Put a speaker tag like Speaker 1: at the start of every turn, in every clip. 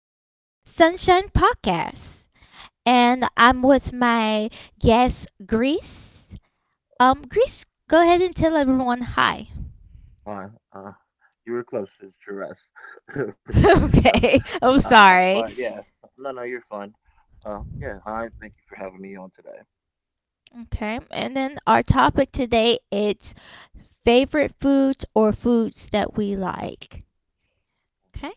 Speaker 1: to Sunshine Podcast. And I'm with my guest, Greece. Greece, go ahead and tell everyone hi.
Speaker 2: Uh, uh, you were close, it's Jerez. Close.
Speaker 1: Okay. I'm
Speaker 2: But yeah,
Speaker 1: sorry.
Speaker 2: no, no, you're fine. Yeah, hi, thank you for having me on today.
Speaker 1: Okay. And then our topic today it's favorite foods or foods that we like. Okay.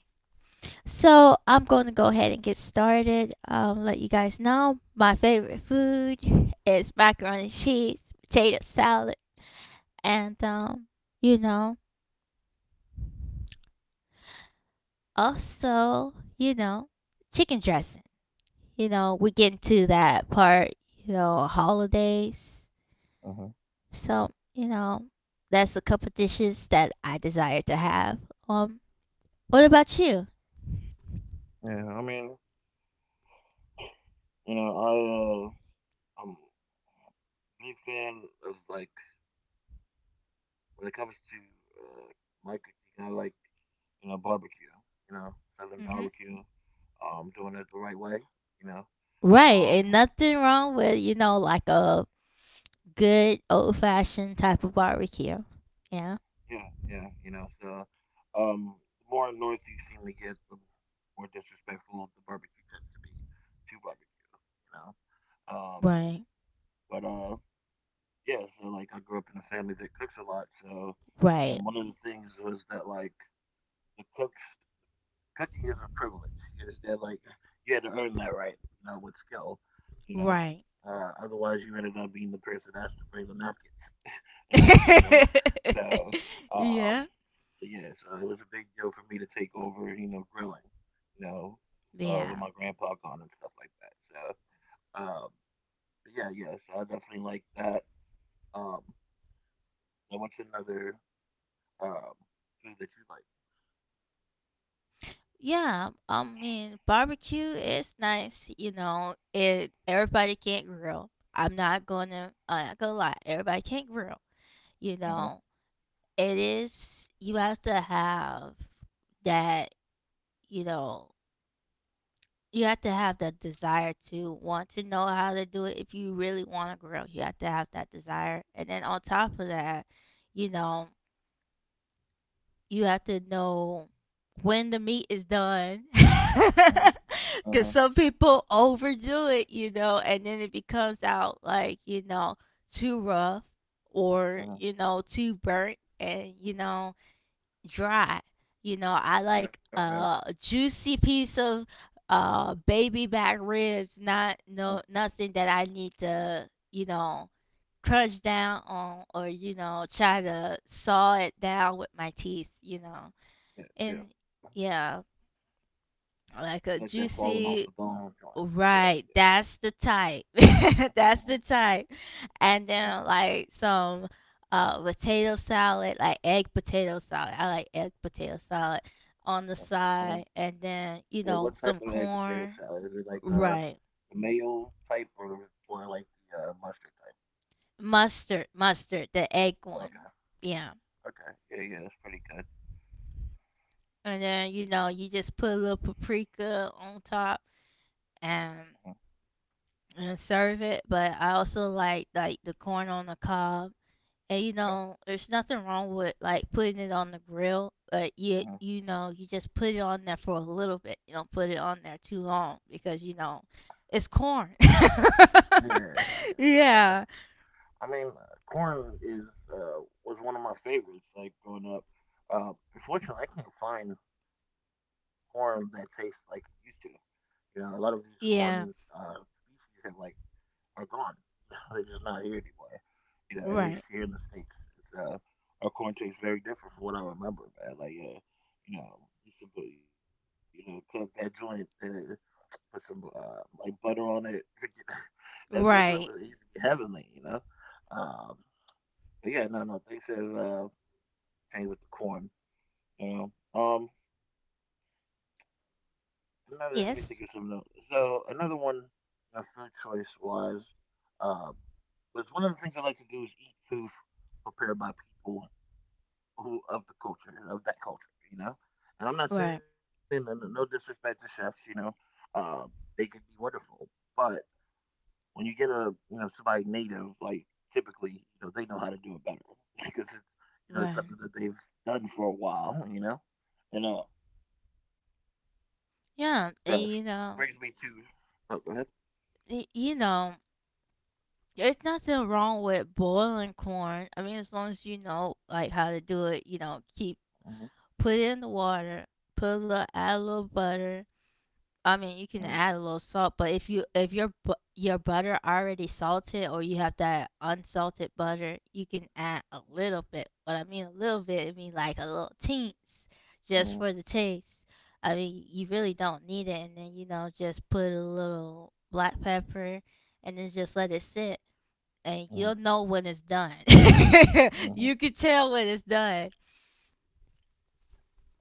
Speaker 1: So I'm going to go ahead and get started. Let you guys know my favorite food is macaroni and cheese, potato salad and you know, also, chicken dressing. You know, we get into that part. You know, holidays.
Speaker 2: Uh-huh.
Speaker 1: So you know, that's a couple dishes that I desire to have. Um, what about you?
Speaker 2: Yeah, I mean, you know, I, I'm a big fan of, like, when it comes to, like, you know, like, barbecue, you know, Southern
Speaker 1: Mm-hmm.
Speaker 2: barbecue, doing it the right way, you know.
Speaker 1: Right, and
Speaker 2: Um,
Speaker 1: nothing wrong with you know like a good old fashioned type of barbecue. Yeah.
Speaker 2: Yeah, you know, so the more north you seem to get, the more disrespectful the barbecue tends to be to barbecue, you know. Um,
Speaker 1: Right.
Speaker 2: but yeah, so like I grew up in a family that cooks a lot, so
Speaker 1: Right.
Speaker 2: and one of the things was that like the cooks cooking is a privilege. You understand? Like you had to earn that right, you know, with skill, you know.
Speaker 1: Right.
Speaker 2: Otherwise, you ended up being the person that has to bring the napkins and paper, you know. So, um,
Speaker 1: Yeah.
Speaker 2: so yeah, so it was a big deal for me to take over, you know, grilling, you know, with
Speaker 1: Yeah.
Speaker 2: my grandpa gone and stuff like that. So, but yeah. So I definitely like that. Um, and what's another um food that you like?
Speaker 1: Yeah, I mean, barbecue is nice, you know. It everybody can't grill. I'm not gonna lie. Everybody can't grill, you
Speaker 2: Uh huh.
Speaker 1: know. It is you have to have that, you know. You have to have that desire to want to know how to do it if you really want to grill. You have to have that desire, and then on top of that, you know, you have to know when the meat is done.
Speaker 2: Uh huh. Uh huh.
Speaker 1: Because some people overdo it you know and then it becomes out like you know too rough or
Speaker 2: Uh-huh.
Speaker 1: you know too burnt and you know dry, you know, I
Speaker 2: Yeah.
Speaker 1: like
Speaker 2: Yeah.
Speaker 1: a juicy piece of baby back ribs, not
Speaker 2: Uh,
Speaker 1: no nothing that I need to you know crunch down on or you know try to saw it down with my teeth, you know,
Speaker 2: yeah. Yeah.
Speaker 1: and yeah,
Speaker 2: You like that
Speaker 1: like a
Speaker 2: falling off the bone
Speaker 1: juicy.
Speaker 2: joint? Yeah. Yeah.
Speaker 1: Right, that's the type.
Speaker 2: Uh huh.
Speaker 1: That's the type.
Speaker 2: Yeah.
Speaker 1: And then like some potato salad, like egg potato salad. I like egg potato salad
Speaker 2: Uh
Speaker 1: on the
Speaker 2: huh.
Speaker 1: side and
Speaker 2: Yeah. What
Speaker 1: then,
Speaker 2: type
Speaker 1: you
Speaker 2: of egg
Speaker 1: know, some
Speaker 2: potato salad is it?
Speaker 1: corn.
Speaker 2: Like the
Speaker 1: Right.
Speaker 2: the mayo type or like the mustard type?
Speaker 1: Mustard, mustard, the egg
Speaker 2: Okay.
Speaker 1: one. Yeah.
Speaker 2: Okay. Yeah, yeah, that's pretty good.
Speaker 1: And then, you know, you just put a little paprika on top and
Speaker 2: Mhm.
Speaker 1: serve it. But I also like the corn on the cob. And you
Speaker 2: Okay.
Speaker 1: know, there's nothing wrong with like putting it on the grill, but
Speaker 2: Hmm.
Speaker 1: you know, you just put it on there for a little bit. You don't put it on there too long because you know, it's corn.
Speaker 2: Yeah, and
Speaker 1: Yeah.
Speaker 2: I mean, corn is was one of my favorites, like growing up. Unfortunately, I can't find corn that tastes like it used to. You know, a lot of these corn
Speaker 1: Yeah.
Speaker 2: species have, are gone. They're just not here anymore. You know, at least here
Speaker 1: Right.
Speaker 2: in the states, it's our corn tastes very different from what I remember, man. Like, you know, you should put, you know, cook that joint, put some like butter on it. That joint was used to
Speaker 1: Right.
Speaker 2: be heavenly, you know. Um, but yeah, no, no, things has changed with the corn, you know. Another, let me think of something else.
Speaker 1: Yes.
Speaker 2: So another one, my food choice was, um, was one of the things I like to do is eat food prepared by people who of the culture, of that culture, you know. And I'm not saying
Speaker 1: Right.
Speaker 2: that, no disrespect to chefs, you know, um, they can be wonderful, but when you get a, you know, somebody native, like typically, you know, they know how to do it better because it's, you know, it's
Speaker 1: Right.
Speaker 2: something that they've done for a while, you know. And that
Speaker 1: Yeah. And
Speaker 2: brings me
Speaker 1: you
Speaker 2: to,
Speaker 1: know,
Speaker 2: oh, go ahead.
Speaker 1: you know, there's nothing wrong with boiling corn. I mean, as long as you know like how to do it, you know, keep
Speaker 2: Mhm,
Speaker 1: put it in the water, add a little butter. I
Speaker 2: mhm,
Speaker 1: mean, you can add a little salt, but if your your butter already salted or you have that unsalted butter, you can add a little bit. What I mean a little bit, I mean like a little teens, just
Speaker 2: mhm,
Speaker 1: for the taste. I mean, you really don't need it, and then you know just put a little black pepper, and then just let it sit, and
Speaker 2: mhm,
Speaker 1: you'll know when it's done.
Speaker 2: mhm,
Speaker 1: You can tell when it's done.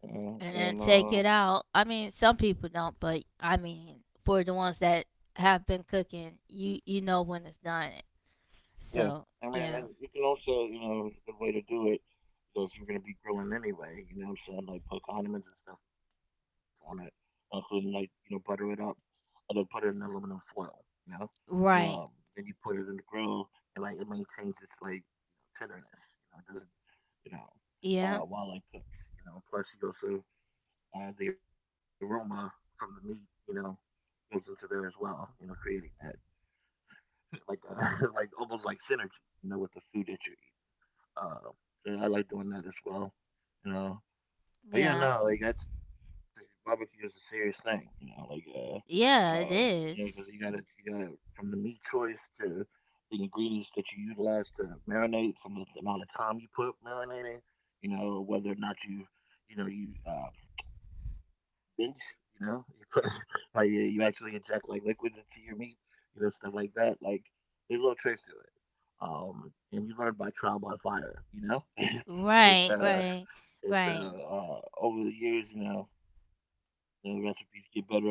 Speaker 2: mhm.
Speaker 1: And then
Speaker 2: And
Speaker 1: take
Speaker 2: uh,
Speaker 1: it out. I mean, some people don't, but I mean, for the ones that have been cooking, you know when it's done.
Speaker 2: yeah, I
Speaker 1: So
Speaker 2: mean, like,
Speaker 1: yeah,
Speaker 2: you can also, you know, it's a good way to do it. You know, if you're gonna be grilling anyway, you know what I'm saying, like put condiments and stuff on it, including like, you know, butter it up and then put it in aluminum foil, you know, and then
Speaker 1: right,
Speaker 2: you put it in the grill, and like it maintains its like tenderness, you know, it doesn't, you know,
Speaker 1: yeah,
Speaker 2: while it cooks, you know. Plus, you also, the aroma from the meat, you know, goes into there as well, you know, creating that like like almost like synergy, you know, with the food that you eat. Uh, so I like doing that as well, you know. But yeah,
Speaker 1: yeah,
Speaker 2: no, like that's barbecue is a serious thing, you know, like. Uh, Oh,
Speaker 1: yeah. It
Speaker 2: yeah, because you gotta
Speaker 1: is
Speaker 2: you gotta from the meat choice to the ingredients that you utilize to marinate, from the amount of time you put marinating, you know, whether or not you, you know, you binge, you know, you put like you actually inject like liquids into your meat, you know, stuff like that. Like there's little tricks to it. And you learn by trial by fire, you know. it's
Speaker 1: right,
Speaker 2: uh
Speaker 1: right,
Speaker 2: it's uh,
Speaker 1: right.
Speaker 2: uh over the years, you know, the recipes get better and better. And then,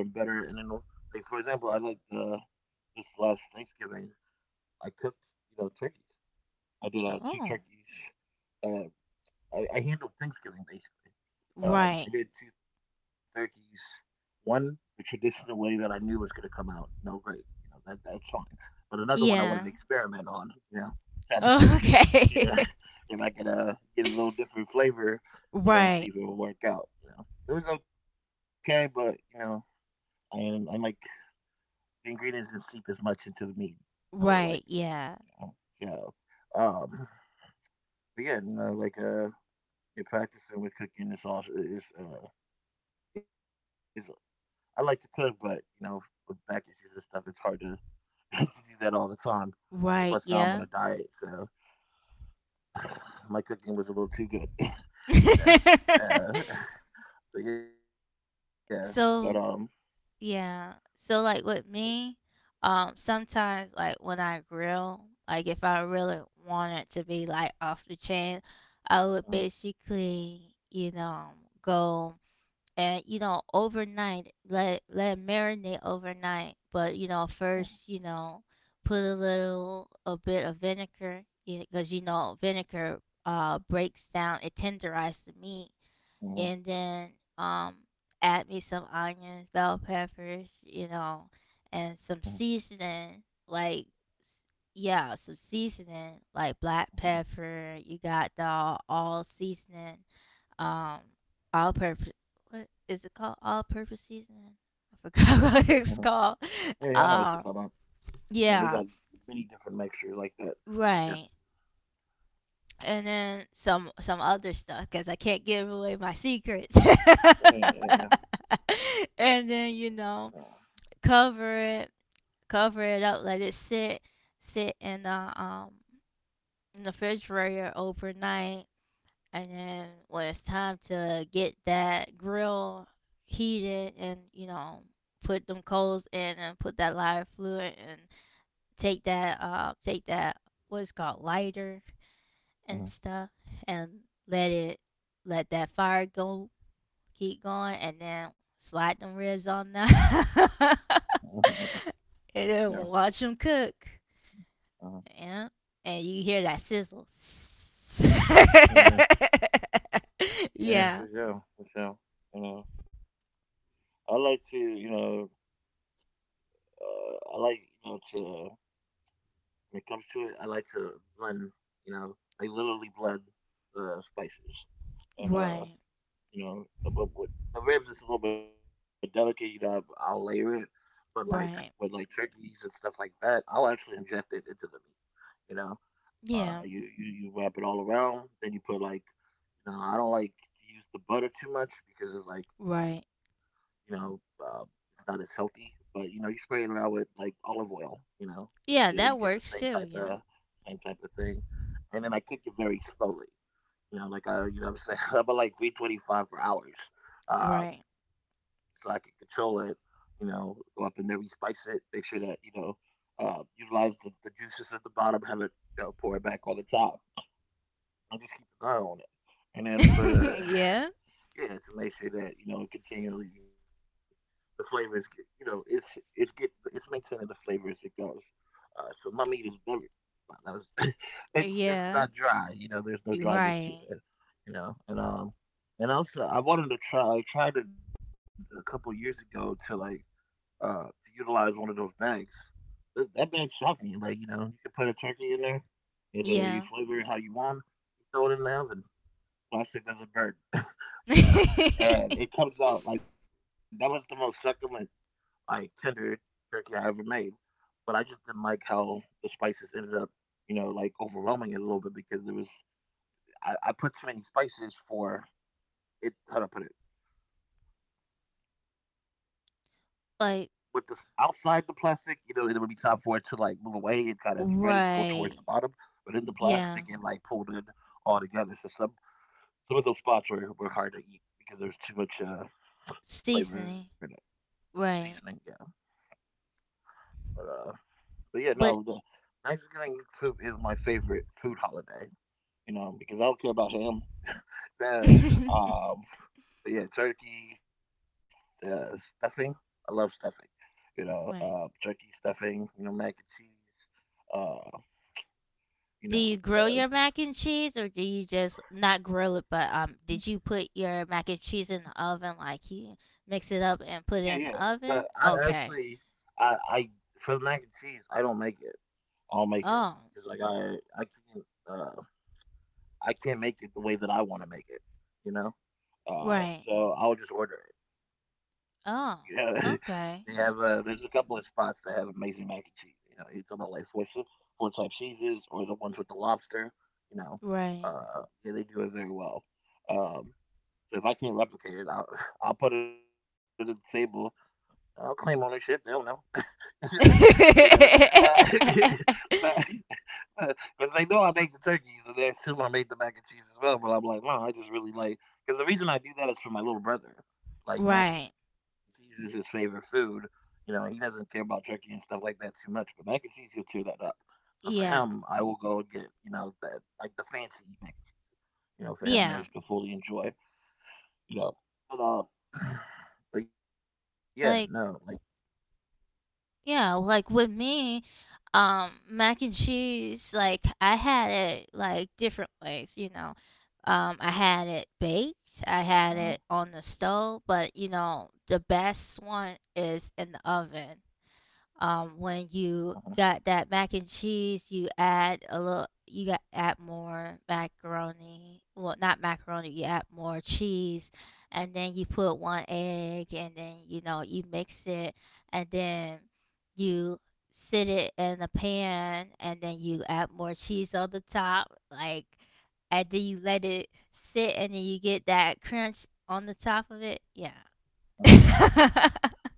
Speaker 2: they like for example, I like, this last Thanksgiving, I cooked, you know, turkeys. I did two
Speaker 1: Oh,
Speaker 2: turkeys, uh, I handled Thanksgiving basically. I
Speaker 1: right,
Speaker 2: did two turkeys, one the traditional way that I knew was going to come out. No great, you know, that that's fine. But another one I wanted to
Speaker 1: yeah.
Speaker 2: experiment on. You know, try to see,
Speaker 1: Oh,
Speaker 2: you know,
Speaker 1: okay,
Speaker 2: if I could get a little different flavor. You know, and see
Speaker 1: right,
Speaker 2: if it would work out. You know, it was okay, but you know, I didn't, like the ingredients didn't seep as much into the meat as I would have liked.
Speaker 1: right, yeah,
Speaker 2: You know? Yeah. But yeah, you know, like you're practicing with cooking the sauce is, I like to cook, but you know, with back issues and stuff, it's hard to, to do that all the time.
Speaker 1: right,
Speaker 2: And
Speaker 1: yeah.
Speaker 2: plus, now I'm on a diet, so my cooking was a little too good, you know. So, but yeah, but
Speaker 1: So yeah. So like with me, sometimes like when I grill, like if I really wanted to be like off the chain, I would
Speaker 2: Mhm,
Speaker 1: basically, you know, go and you know overnight let it marinate overnight. But you know first,
Speaker 2: mhm,
Speaker 1: you know, put a little a bit of vinegar, because you know vinegar breaks down, it tenderizes the meat and then
Speaker 2: mhm,
Speaker 1: um add me some onions, bell peppers, you know, and some
Speaker 2: mhm,
Speaker 1: seasoning like s- yeah, some seasoning like black pepper. You
Speaker 2: mhm,
Speaker 1: got the all seasoning, um, all purpose. What is it called? All purpose seasoning. I forgot what it's
Speaker 2: mhm.
Speaker 1: called.
Speaker 2: Yeah, yeah, I
Speaker 1: Um,
Speaker 2: know what you're talking about.
Speaker 1: yeah,
Speaker 2: You know, they got many different mixtures like that.
Speaker 1: right.
Speaker 2: Yeah,
Speaker 1: And then some other stuff because I can't give away my secrets.
Speaker 2: yeah, yeah,
Speaker 1: And then you know
Speaker 2: yeah.
Speaker 1: cover it, cover it up, let it sit, sit um in the refrigerator overnight, and then when it's time to get that grill heated and you know put them coals in and put that lighter fluid and take that what's called lighter and stuff
Speaker 2: Mhm,
Speaker 1: and let it let that fire go keep going and then slide them ribs on now.
Speaker 2: mhm, mhm, mhm.
Speaker 1: And then watch
Speaker 2: Yeah,
Speaker 1: them cook. Yeah,
Speaker 2: mhm.
Speaker 1: and you hear that sizzle.
Speaker 2: Yeah,
Speaker 1: Yeah,
Speaker 2: yeah, for sure, for sure. You know, I like to, you know, I like, you know, to when it comes to it, I like to blend. You know, I literally blend spices and
Speaker 1: right,
Speaker 2: you know, but with the ribs it's a little bit delicate. You know, I'll layer it, but like with like
Speaker 1: right,
Speaker 2: turkeys and stuff like that, I'll actually inject it into the meat. You know,
Speaker 1: yeah,
Speaker 2: you wrap it all around, then you put like, you know, I don't like to use the butter too much because it's like,
Speaker 1: right,
Speaker 2: you know, it's not as healthy, but you know, you spray it around with like olive oil. You know, you know, you
Speaker 1: yeah,
Speaker 2: get the
Speaker 1: that
Speaker 2: same type
Speaker 1: works too,
Speaker 2: of
Speaker 1: yeah,
Speaker 2: same type of thing. And then I cook it very slowly. You know, like I, you know, what I'm saying, I'm at like 325 for hours, uh,
Speaker 1: right.
Speaker 2: so I can control it. You know, go up in there, respice it, make sure that you know, utilize the juices at the bottom, have it, you know, pour it back on the top, and just keep an eye on it. And then for,
Speaker 1: Yeah,
Speaker 2: yeah, to make sure that you know continually the flavors, you know, it's get it's maintaining the flavor as it goes. So my meat is never, that was, it's not
Speaker 1: yeah,
Speaker 2: dry. You know, there's no dryness to
Speaker 1: right,
Speaker 2: it. You know, and also I wanted to try. I tried it a couple years ago to like to utilize one of those bags. That bag shocked me. Like you know, you can put a turkey in there and you
Speaker 1: yeah.
Speaker 2: flavor it how you want. You throw it in the oven. Plastic doesn't burn, you know, and it comes out like that was the most succulent, like tender turkey I ever made. But I just didn't like how the spices ended up, you know, like overwhelming it a little bit because there was, I put too many spices for it. How do I put it? With the outside the plastic, you know, it would be
Speaker 1: Like
Speaker 2: time for it to like move away and kind of spread and go towards the bottom. But in the
Speaker 1: right.
Speaker 2: plastic, it like pulled in
Speaker 1: Yeah.
Speaker 2: all together. So some of those spots were hard to eat because there was too much flavor in it,
Speaker 1: Seasoning.
Speaker 2: seasoning. Yeah,
Speaker 1: Right.
Speaker 2: but uh, But yeah, no, the
Speaker 1: But
Speaker 2: Thanksgiving soup is my favorite food holiday. You know, because I don't care about ham. The um, but yeah, turkey, the stuffing. I love stuffing. You know, turkey
Speaker 1: right.
Speaker 2: stuffing. You know, mac and cheese. You know,
Speaker 1: Do you
Speaker 2: uh,
Speaker 1: grill your mac and cheese or do you just not grill it but did you put your mac and cheese in the oven like you mix
Speaker 2: yeah,
Speaker 1: it
Speaker 2: yeah.
Speaker 1: up and put
Speaker 2: But
Speaker 1: it in
Speaker 2: I
Speaker 1: the oven?
Speaker 2: actually,
Speaker 1: Okay.
Speaker 2: I for the mac and cheese, I don't make it. I'll make it because
Speaker 1: Oh.
Speaker 2: like I can't, uh, I can't make it the way that I want to make it. You know.
Speaker 1: Right.
Speaker 2: So I'll just order it. You know,
Speaker 1: Oh.
Speaker 2: they have there's a
Speaker 1: Okay.
Speaker 2: couple of spots that have amazing mac and cheese. You know, you talking about like four type cheeses or the ones with the lobster. You know,
Speaker 1: Right.
Speaker 2: yeah, they do it very well. Um, so if I can't replicate it, I'll I'll put it at the table. I'll claim ownership. They'll know. you know, uh, but because they know I make the turkeys and they assume I made the mac and cheese as well. But I'm like, no, I just really like because the reason I do that is for my little brother. Like mac and
Speaker 1: Right.
Speaker 2: cheese is his favorite food. You know, he doesn't care about turkey and stuff like that too much, but mac and cheese he'll cheer that up. So for him,
Speaker 1: Yeah.
Speaker 2: I will go and get that like the fancy mac. You know, for him
Speaker 1: Yeah.
Speaker 2: there's to fully enjoy. You know, but uh, but yeah, no, like
Speaker 1: Like yeah, like with me, mac and cheese, like I had it like different ways, you know. I had it baked, I had
Speaker 2: uh
Speaker 1: it
Speaker 2: huh,
Speaker 1: on the stove, but you know, the best one is in the oven. When
Speaker 2: uh huh,
Speaker 1: you got that mac and cheese, you got add more macaroni. Well, not macaroni, you add more cheese, and then you put one egg, and then you know you mix it, and then you sit it in a pan, and then you add more cheese on the top, like, and then you let it sit, and then you get that crunch on the top of it. Yeah.
Speaker 2: uh huh.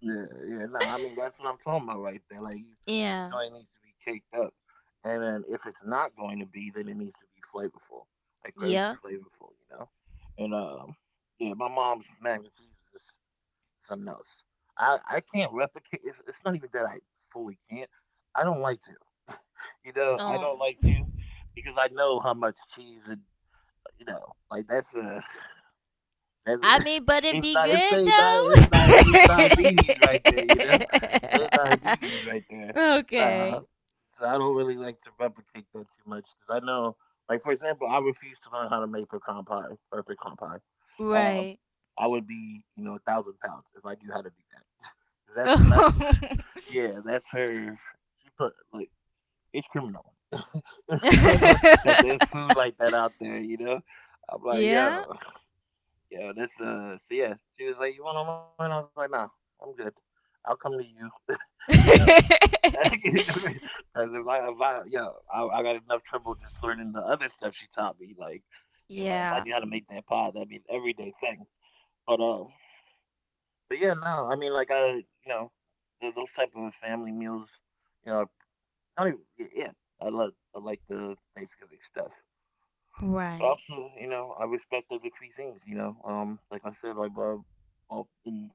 Speaker 2: Yeah, yeah. No, I mean that's what I'm talking about right there. Like you, the
Speaker 1: Yeah.
Speaker 2: joint needs to be caked up, and then if it's not going to be, then it needs to be flavorful, like crazy
Speaker 1: Yeah.
Speaker 2: flavorful. And yeah, my mom's mac and cheese is something else. I can't replicate. It's not even that I fully can't. I don't like to. You know, I
Speaker 1: Um,
Speaker 2: don't like to because I know how much cheese and you know, like that's
Speaker 1: I mean, but
Speaker 2: it's
Speaker 1: it
Speaker 2: di
Speaker 1: be
Speaker 2: it's
Speaker 1: good
Speaker 2: straight di it's diabetes right there, you know? Straight diabetes right there.
Speaker 1: though.
Speaker 2: So, uh,
Speaker 1: Okay,
Speaker 2: so I don't really like to replicate that too much because I know, like for example, I refuse to learn how to make pecan pie, perfect pecan pie. Um,
Speaker 1: right.
Speaker 2: I would be, you know, 1,000 pounds if I knew how to do that. That's that's, yeah, that's her. She put like it's criminal. It's criminal that there's food like that out there, you know. I'm like,
Speaker 1: Yeah.
Speaker 2: yo, yeah, this so yeah, she was like, "You want online?" I was like, "No, I'm good. I'll come to you, you know." Because if I, yeah, I got enough trouble just learning the other stuff she taught me. Like, if I
Speaker 1: Yeah.
Speaker 2: knew how to make that pod, that'd be an everyday thing. But, but yeah, no, I mean, know, th- those type of family meals, you know, I don't even, I like the Thanksgiving stuff. But
Speaker 1: Right.
Speaker 2: also, you know, I respect other cuisines. You know, like I said, all in,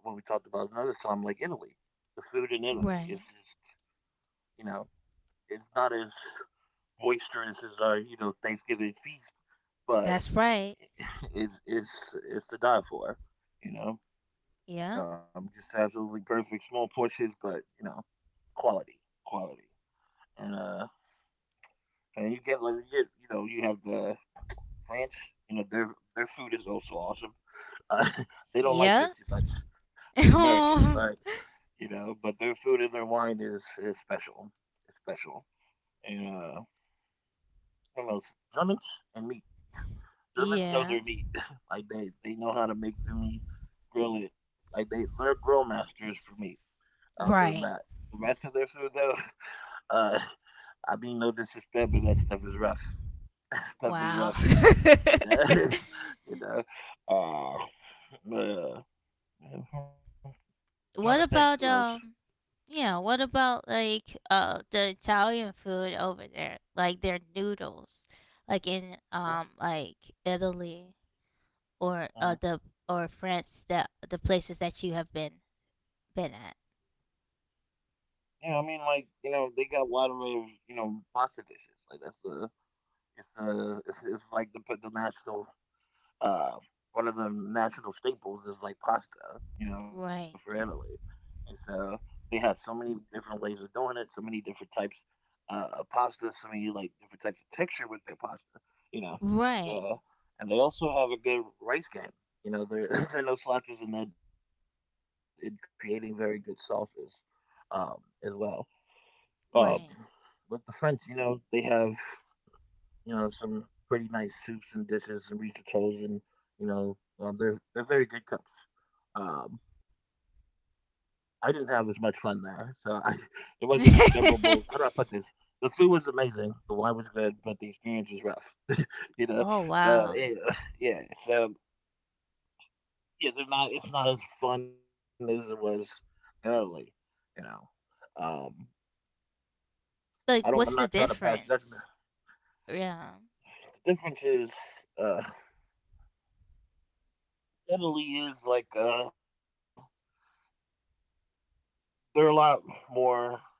Speaker 2: when we talked about another time, like Italy, the food in Italy is
Speaker 1: Right.
Speaker 2: just, you know, it's not as boisterous as our, you know, Thanksgiving feast, but
Speaker 1: That's right.
Speaker 2: it's it's it's to die for. You know,
Speaker 1: Yeah.
Speaker 2: just absolutely perfect small portions, but you know, quality, quality, and uh, and you get like you get, you know, you have the France. You know, their their food is also awesome. Uh, they don't like
Speaker 1: Yeah.
Speaker 2: us too much as Americans,
Speaker 1: Oh,
Speaker 2: but you know, but their food and their wine is special. It's special. And what else? Germans and meat. Germans
Speaker 1: yeah.
Speaker 2: know their meat. like they know how to make their meat, grill it. Like they're grill masters for meat. I'll give them
Speaker 1: Right.
Speaker 2: that. The rest of their food though, uh, I mean no disrespect, but that stuff is rough. That stuff is
Speaker 1: Wow.
Speaker 2: rough. You know, you know. Uh, but, uh, I'm trying to think who else.
Speaker 1: What about yeah, what about like the Italian food over there? Like their noodles. Like in
Speaker 2: Uh,
Speaker 1: like Italy or
Speaker 2: uh,
Speaker 1: uh the or France, that the places that you have been at.
Speaker 2: Yeah, I mean, like you know, they got lottery of you know pasta dishes. Like that's it's like the national uh one of the national staples is like pasta. You know,
Speaker 1: Right.
Speaker 2: for Italy, and so they have so many different ways of doing it, so many different types of pasta, so many like different types of texture with their pasta. You know,
Speaker 1: Right.
Speaker 2: uh, and they also have a good rice game. You know, there there are no slouches in that in creating very good sauces um, as well. Um,
Speaker 1: Right.
Speaker 2: but the French, you know, they have, you know, some pretty nice soups and dishes and risottos and, you know, they're very good cooks. Um, I didn't have as much fun there, so I, it wasn't as memorable. How do I put this? The food was amazing, the wine was good, but the experience was rough. You
Speaker 1: Oh
Speaker 2: know,
Speaker 1: wow.
Speaker 2: so yeah, yeah. So yeah, they're not. It's not as fun as it was early. You know, um, I
Speaker 1: Like
Speaker 2: don't. I'm
Speaker 1: what's
Speaker 2: not
Speaker 1: the
Speaker 2: trying to pass judgment.
Speaker 1: difference? Yeah.
Speaker 2: The difference is. Uh, Italy is like, they're a lot more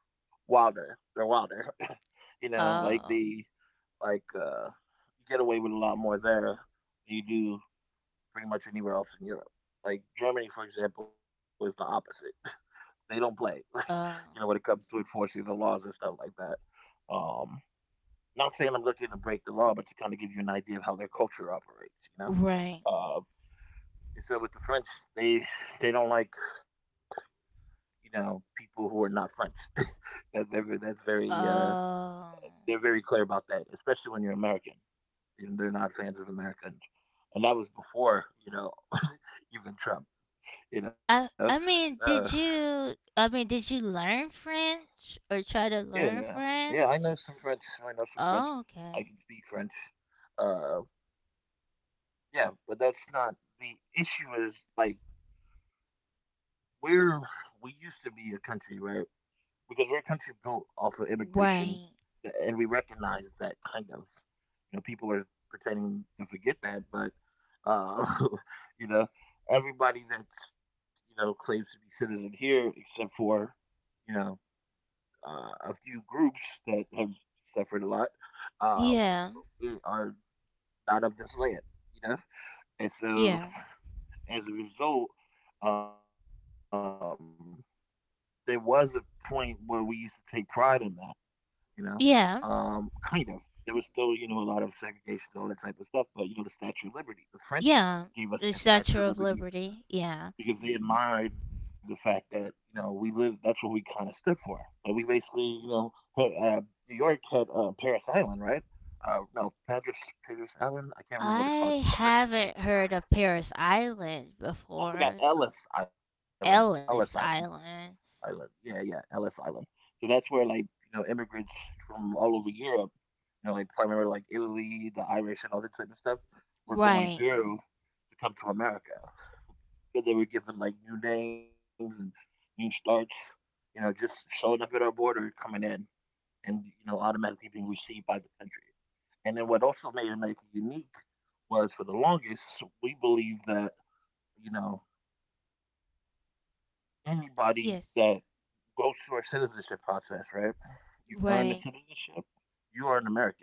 Speaker 2: wilder. They're wilder, you know, like the
Speaker 1: Oh.
Speaker 2: like you get away with a lot more there than you do pretty much anywhere else in Europe. Like Germany, for example, is the opposite. they don't play, you know, when
Speaker 1: Oh.
Speaker 2: it comes to enforcing the laws and stuff like that. Um, not saying I'm looking to break the law, but to kind of give you an idea of how their culture operates, you know.
Speaker 1: Right.
Speaker 2: Uh, and so with the French, they they don't like you know people who are not French. That's very
Speaker 1: Oh.
Speaker 2: they're very clear about that, especially when you're American. You know, they're not fans of Americans, and that was before you know even Trump. You know,
Speaker 1: I
Speaker 2: so
Speaker 1: mean, did you I mean, did you learn French or try to
Speaker 2: yeah,
Speaker 1: learn
Speaker 2: yeah. I
Speaker 1: French?
Speaker 2: know some French. I know some French.
Speaker 1: Oh,
Speaker 2: I
Speaker 1: okay.
Speaker 2: can speak French. Uh, yeah, but that's not the issue. Is like we're we used to be a country, right? Because we're a country built off of immigration,
Speaker 1: Right.
Speaker 2: and we recognize that kind of. You know, people are pretending to forget that, but uh, you know, everybody that's you know claims to be citizen here, except for you know a few groups that have suffered a lot, um,
Speaker 1: Yeah.
Speaker 2: I- are not of this land. You know, and so
Speaker 1: Yeah.
Speaker 2: as a result, um, there was a point where we used to take pride in that you know, kind of.
Speaker 1: Yeah.
Speaker 2: There was still, you know, a lot of segregation, all that type of stuff. But you know, the Statue of Liberty. The French gave us
Speaker 1: Yeah.
Speaker 2: that Statue
Speaker 1: The
Speaker 2: of Liberty
Speaker 1: Statue of Liberty.
Speaker 2: because
Speaker 1: Yeah.
Speaker 2: they admired the fact that you know we lived. That's what we kind of stood for. But we basically, you know, put, New York had Paris Island, right? No, Padres, Padres Island. I can't remember what it's called.
Speaker 1: I
Speaker 2: Something
Speaker 1: haven't heard of Paris Island
Speaker 2: I forgot.
Speaker 1: before.
Speaker 2: Ellis Island. Ellis Island.
Speaker 1: Ellis
Speaker 2: Island.
Speaker 1: Island.
Speaker 2: Yeah, yeah. Ellis Island. So that's where like you know immigrants from all over Europe. You know, like I remember like Italy, the Irish, and all that type of stuff were going
Speaker 1: Right.
Speaker 2: through to come to America. So they were given like new names and new starts. You know, just showing up at our border, coming in, and you know, automatically being received by the country. And then what also made America unique was for the longest we believe that you know anybody that
Speaker 1: Yes.
Speaker 2: goes through our citizenship process, right? You earn the
Speaker 1: Right.
Speaker 2: citizenship, you are an American.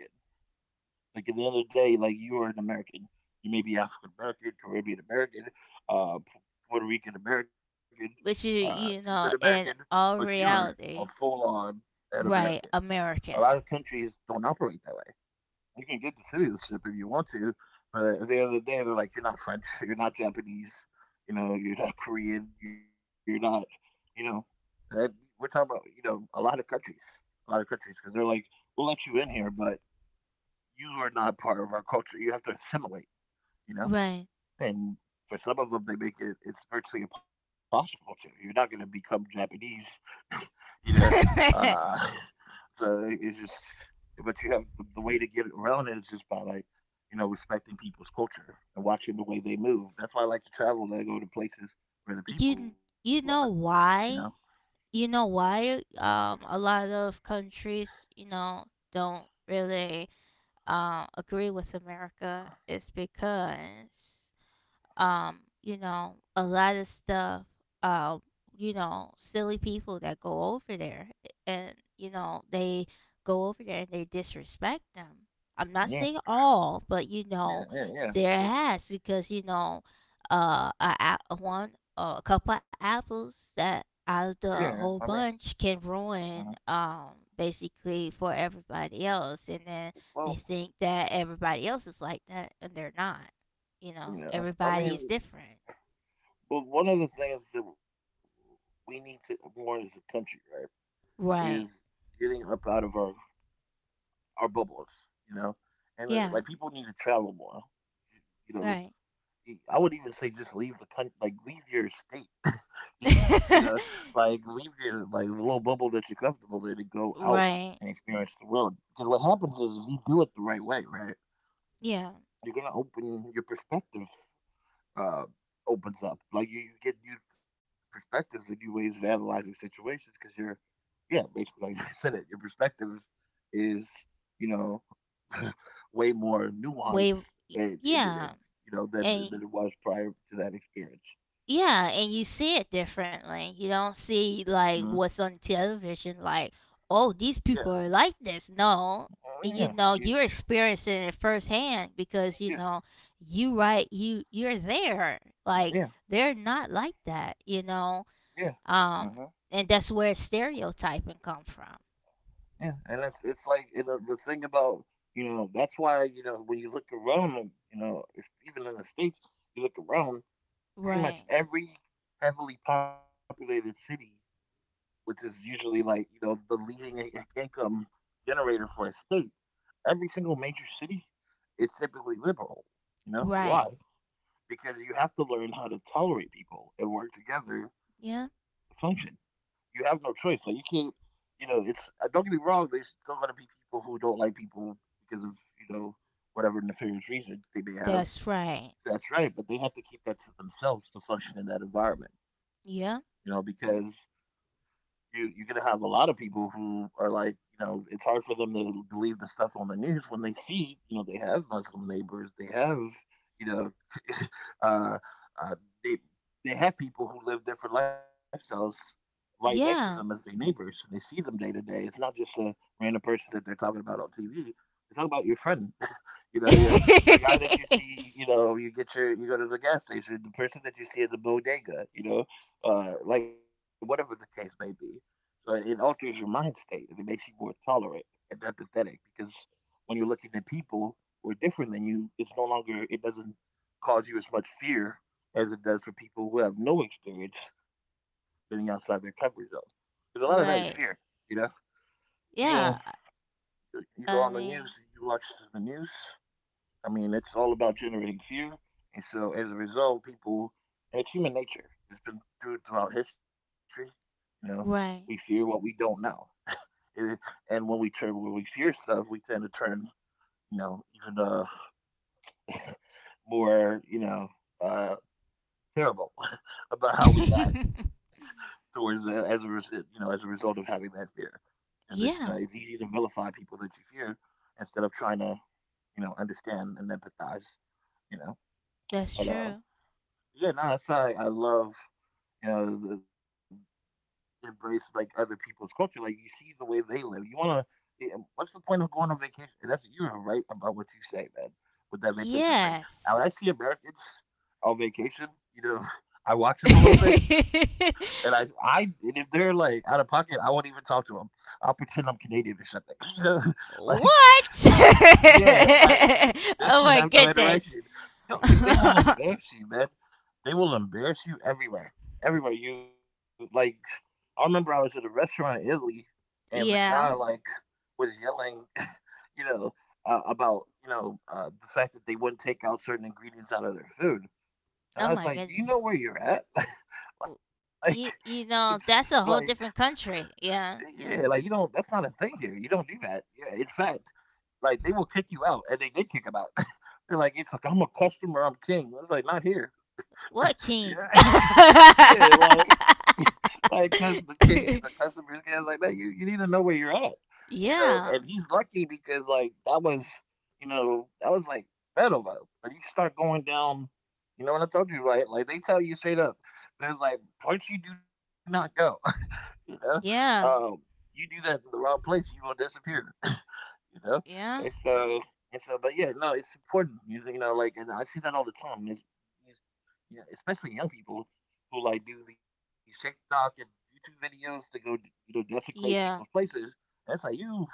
Speaker 2: Like at the end of the day, like you are an American. You may be African American, Caribbean American, P- Puerto Rican American,
Speaker 1: Which you
Speaker 2: Cuban
Speaker 1: you
Speaker 2: American,
Speaker 1: know, in
Speaker 2: but
Speaker 1: all
Speaker 2: you're a full
Speaker 1: reality,
Speaker 2: on an American.
Speaker 1: right,
Speaker 2: A lot
Speaker 1: American.
Speaker 2: of countries don't operate that way. You can get the citizenship if you want to, but at the end of the day, they're like, you're not French, you're not Japanese, you know, you're not Korean, you're not, you know, that, we're talking about, you know, a lot of countries, a lot of countries, because they're like, we'll let you in here, but you are not part of our culture. You have to assimilate, you know?
Speaker 1: Right.
Speaker 2: And for some of them, they make it, it's virtually impossible to. You're not going to become Japanese, you know? Uh, so it's just, but you have the way to get around it is just by like, you know, respecting people's culture and watching the way they move. That's why I like to travel. And I go to places where the people
Speaker 1: you
Speaker 2: are,
Speaker 1: you
Speaker 2: you
Speaker 1: know
Speaker 2: know?
Speaker 1: why a lot of countries you know don't really agree with America is because you know a lot of stuff uh you know silly people that go over there and you know they go over there and they disrespect them. I'm
Speaker 2: Yeah,
Speaker 1: not saying all but you
Speaker 2: yeah,
Speaker 1: know
Speaker 2: yeah, yeah,
Speaker 1: there
Speaker 2: yeah,
Speaker 1: has because you know a one a couple of apples that out of
Speaker 2: yeah.
Speaker 1: the
Speaker 2: I mean,
Speaker 1: whole bunch can
Speaker 2: uh
Speaker 1: ruin basically for everybody else, and then they
Speaker 2: well,
Speaker 1: think that everybody else is like that, and they're not. You
Speaker 2: you
Speaker 1: know,
Speaker 2: know, I mean,
Speaker 1: everybody is different.
Speaker 2: but one of the things that we need to more as a country, right, is
Speaker 1: Right.
Speaker 2: getting up out of our bubbles, you know, and like
Speaker 1: Yeah.
Speaker 2: people need to travel more. You know,
Speaker 1: Right.
Speaker 2: I would even say just leave the country, like leave your state, you know, like leave your like little bubble that you're comfortable in and go out and
Speaker 1: Right.
Speaker 2: experience the world. Because what happens is if you do it the right way, right,
Speaker 1: Yeah.
Speaker 2: you're gonna open your perspective. Uh, opens up like you get new perspectives and new ways of analyzing situations because you're yeah, basically, like I said it, your perspective is, you know, way more nuanced
Speaker 1: Way.
Speaker 2: and
Speaker 1: Yeah.
Speaker 2: you know
Speaker 1: And
Speaker 2: than it was prior to that experience.
Speaker 1: yeah, and you see it differently. You don't
Speaker 2: Hmm
Speaker 1: see like what's on television. Like, oh,
Speaker 2: Yeah,
Speaker 1: these people are like this.
Speaker 2: Oh,
Speaker 1: No,
Speaker 2: yeah,
Speaker 1: you
Speaker 2: yeah,
Speaker 1: know, you're experiencing it firsthand because you
Speaker 2: yeah,
Speaker 1: know you right. You you're there. Like
Speaker 2: yeah,
Speaker 1: they're not like that. You
Speaker 2: yeah.
Speaker 1: know.
Speaker 2: hmm
Speaker 1: Um, and that's where stereotyping come from.
Speaker 2: yeah. And it's like, the thing about that's why, when you look around, you know, if, even in the states, you look around, pretty much
Speaker 1: Right.
Speaker 2: every heavily populated city, which is usually, like, the leading income generator for a state. Every single major city is typically liberal. You know why?
Speaker 1: Right.
Speaker 2: Because you have to learn how to tolerate people and work together to
Speaker 1: Yeah.
Speaker 2: function. You have no choice. Like, you can't. You know, it's, don't get me wrong. There's still going to be people who don't like people because of, you know whatever nefarious reasons they may have.
Speaker 1: That's right.
Speaker 2: That's right, but they have to keep that to themselves to function in that environment, you know. Mm.
Speaker 1: Yeah.
Speaker 2: Because you're gonna have a lot of people who are like, you know, it's hard for them to believe the stuff on the news when they see, you know, they have Muslim neighbors, they have, you know, uh, uh, they they have people who live different lifestyles right next to them as their
Speaker 1: Yeah.
Speaker 2: neighbors. They see them day to day. It's not just a random person that they're talking about on TV. They're talking about your friend. you know, your, the guy that you see. You know, you get your you go to the gas station. The person that you see at the bodega. You know, like, whatever the case may be. So it alters your mind state and it makes you more tolerant and empathetic, because when you're looking at people who are different than you, it's no longer, it doesn't cause you as much fear as it does for people who have no experience living outside their comfort zone. Because a lot of that is fear,
Speaker 1: Right.
Speaker 2: you know? You go,
Speaker 1: Yeah.
Speaker 2: you go on the
Speaker 1: I
Speaker 2: news,
Speaker 1: mean,
Speaker 2: you watch the news. I mean, it's all about generating fear. And so as a result, people, and it's human nature. It's been throughout history, you know, we fear what
Speaker 1: right.
Speaker 2: we don't know. And when we turn when we hear stuff, we tend to turn, you know, even more, you know, uh terrible about how we act towards, as a you know, as a result of having that fear. As it's, you know, it's
Speaker 1: Yeah.
Speaker 2: easy to vilify people that you fear instead of trying to, understand and empathize. You know,
Speaker 1: That's
Speaker 2: but
Speaker 1: true.
Speaker 2: yeah, no, that's why I love, the, embrace like other people's culture. Like, you see the way they live. You wanna. Yeah. What's the point of going on vacation? And that's, you are right about what you say, man. With that vacation thing.
Speaker 1: Yes.
Speaker 2: Now, when I see Americans on vacation, you know, I watch them a little
Speaker 1: What?
Speaker 2: bit, and if they're like out of pocket, I won't even talk to them. I'll pretend I'm Canadian or something. You know, like, yeah, like,
Speaker 1: Oh my
Speaker 2: just to have no
Speaker 1: goodness.
Speaker 2: interaction. No, because they will embarrass you, man. They will embarrass you everywhere. Everywhere you like. I remember I was at a restaurant in Italy, and the
Speaker 1: Yeah.
Speaker 2: guy, like, was yelling, you know, about, the fact that they wouldn't take out certain ingredients out of their food, and
Speaker 1: Oh
Speaker 2: I was
Speaker 1: my
Speaker 2: like, "Do you know where
Speaker 1: goodness.
Speaker 2: you're at?" Like,
Speaker 1: You,
Speaker 2: it's-
Speaker 1: you know,
Speaker 2: like,
Speaker 1: that's a whole different country. Yeah.
Speaker 2: yeah, like, you don't. That's not a thing here. You don't do that. Yeah, in fact, like, they will kick you out, and they did kick him out. They're like, it's like, I'm a customer, I'm king. I was like, not here.
Speaker 1: What king?
Speaker 2: Yeah, yeah, like, like, cause the king, the customer's guy's like, man, you need to know where you're at, you know. And
Speaker 1: Yeah,
Speaker 2: he's lucky, because like, that was, you know, that was like metal though. But you start going down, you know what I told you, right? Like, they tell you straight up, there's like parts you do not go, you know.
Speaker 1: yeah,
Speaker 2: Um, you do that in the wrong place, you will disappear, you know?
Speaker 1: yeah,
Speaker 2: And so, and so, but yeah, no, it's important, you know, like, and I see that all the time. Is yeah, especially young people who like do these TikTok and YouTube videos to go, you know, desecrate
Speaker 1: yeah.
Speaker 2: people's places. And it's like, you,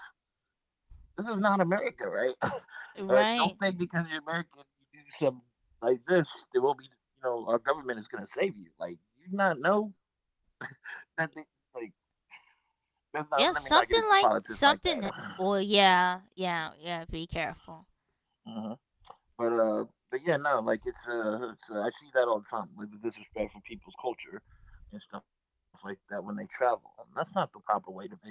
Speaker 2: this is not America, right? And don't
Speaker 1: Right.
Speaker 2: think because you're American, you do something like this, there will be, you know, our government is going to save you. Like, you not know that, they, like, that's not, let me
Speaker 1: Yeah,
Speaker 2: not get into
Speaker 1: something like
Speaker 2: politics like that.
Speaker 1: something. Well, yeah, yeah, yeah. Be careful
Speaker 2: But uh, but yeah, no, like, I see that all the time, like the disrespect for people's culture and stuff like that when they travel. And that's not the proper way to vacation.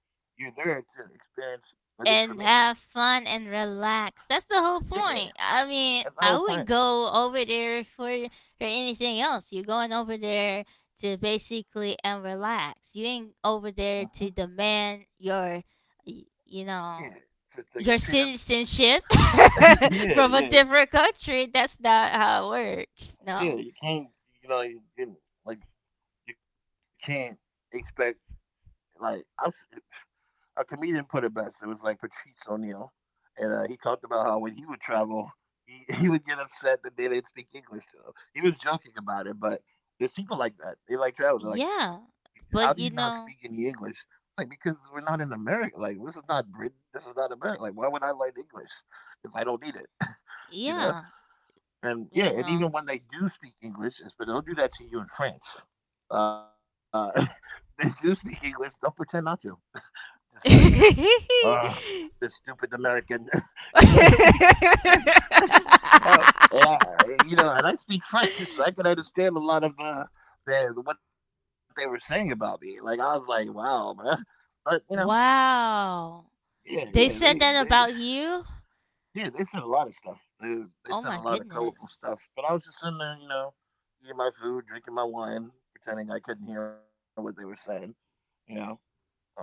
Speaker 2: You're there to experience, at least for me.
Speaker 1: and have fun and relax. That's the whole
Speaker 2: Yeah,
Speaker 1: point. I mean,
Speaker 2: that's the
Speaker 1: I
Speaker 2: whole
Speaker 1: wouldn't
Speaker 2: point.
Speaker 1: go over there for anything else. You're going over there to basically and relax. You ain't
Speaker 2: Hmm.
Speaker 1: over there to demand your, you
Speaker 2: Yeah,
Speaker 1: know,
Speaker 2: to get
Speaker 1: your
Speaker 2: treated.
Speaker 1: citizenship
Speaker 2: Yeah,
Speaker 1: from a
Speaker 2: yeah,
Speaker 1: different country. That's not how it works.
Speaker 2: yeah.
Speaker 1: No.
Speaker 2: You can't, you know, you, you, like you can't expect, like, I, a comedian put it best. It was like Patrice O'Neill. And, he talked about how when he would travel, he he would get upset that they didn't speak English to him. He was joking about it, but there's people like that. They like travel. They're like,
Speaker 1: Yeah.
Speaker 2: "How do you not
Speaker 1: But
Speaker 2: speak
Speaker 1: you
Speaker 2: any
Speaker 1: know,
Speaker 2: English?" Like, because we're not in America. Like, this is not Britain. This is not America. Like, why would I learn English if I don't need it? You know?
Speaker 1: yeah,
Speaker 2: And yeah,
Speaker 1: you
Speaker 2: and
Speaker 1: know.
Speaker 2: even when they do speak English, but they'll do that to you in France. Uh, they do speak English. Don't pretend not to. Just like, uh, the stupid American, you know, like, uh, and I, you know, and I speak French, so I could understand a lot of the what they were saying about me. Like, I was like, wow, man, but you know,
Speaker 1: Wow.
Speaker 2: yeah, yeah,
Speaker 1: They said
Speaker 2: they,
Speaker 1: that about you?
Speaker 2: yeah, they said a lot of stuff. They
Speaker 1: Oh
Speaker 2: said a
Speaker 1: my
Speaker 2: lot of colorful
Speaker 1: goodness.
Speaker 2: stuff, but I was just sitting there, you know, eating my food, drinking my wine, pretending I couldn't hear what they were saying, you know. Um,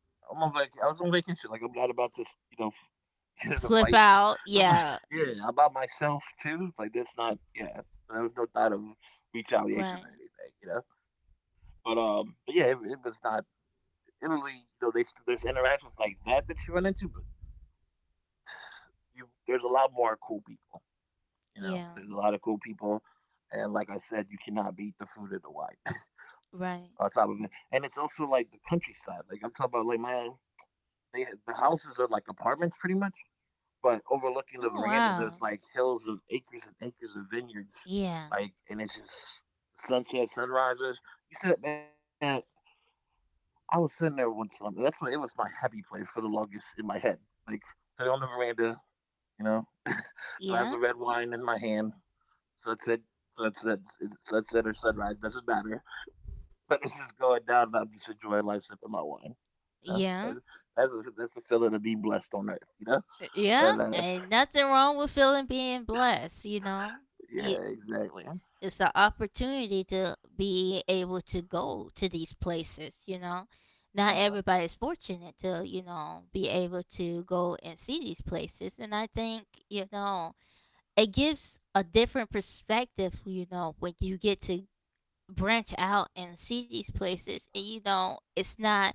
Speaker 2: I was on vacation. Like, I'm not about to, you know, get in a
Speaker 1: Flip
Speaker 2: fight,
Speaker 1: out. Yeah.
Speaker 2: yeah, about myself too. Like, that's not, yeah. There was no thought of
Speaker 1: Right.
Speaker 2: retaliation or anything, you know. But yeah, it was not. It really, you know, they there's interactions like that that you run into, but you there's a lot more cool people.
Speaker 1: Yeah.
Speaker 2: You know, there's a lot of cool people, and like I said, you cannot beat the food of the white. On
Speaker 1: Right.
Speaker 2: top of it, and it's also like the countryside. Like, I'm talking about, like, my they, the houses are like apartments pretty much, but overlooking the
Speaker 1: Oh
Speaker 2: veranda,
Speaker 1: wow.
Speaker 2: there's like hills of acres and acres of vineyards,
Speaker 1: Yeah.
Speaker 2: like, and it's just sunset, sunrises. You said, man, I was sitting there one time, and that's when it was my happy place for the longest in my head. Like, sitting on the veranda, you know, glass of
Speaker 1: Yeah.
Speaker 2: red wine in my hand, sunset, sunset, sunset or sunrise, doesn't matter. But it's just going down, and I'm just enjoying life, sipping my wine. You know,
Speaker 1: Yeah.
Speaker 2: that's a feeling of being blessed on earth. You know, and
Speaker 1: Yeah, and nothing wrong with feeling being blessed, you know?
Speaker 2: yeah,
Speaker 1: You,
Speaker 2: exactly.
Speaker 1: it's an opportunity to be able to go to these places, you know?
Speaker 2: Uh huh.
Speaker 1: Not everybody's fortunate to, you know, be able to go and see these places. And I think, you know, it gives a different perspective, you know, when you get to branch out and see these places, and you know it's not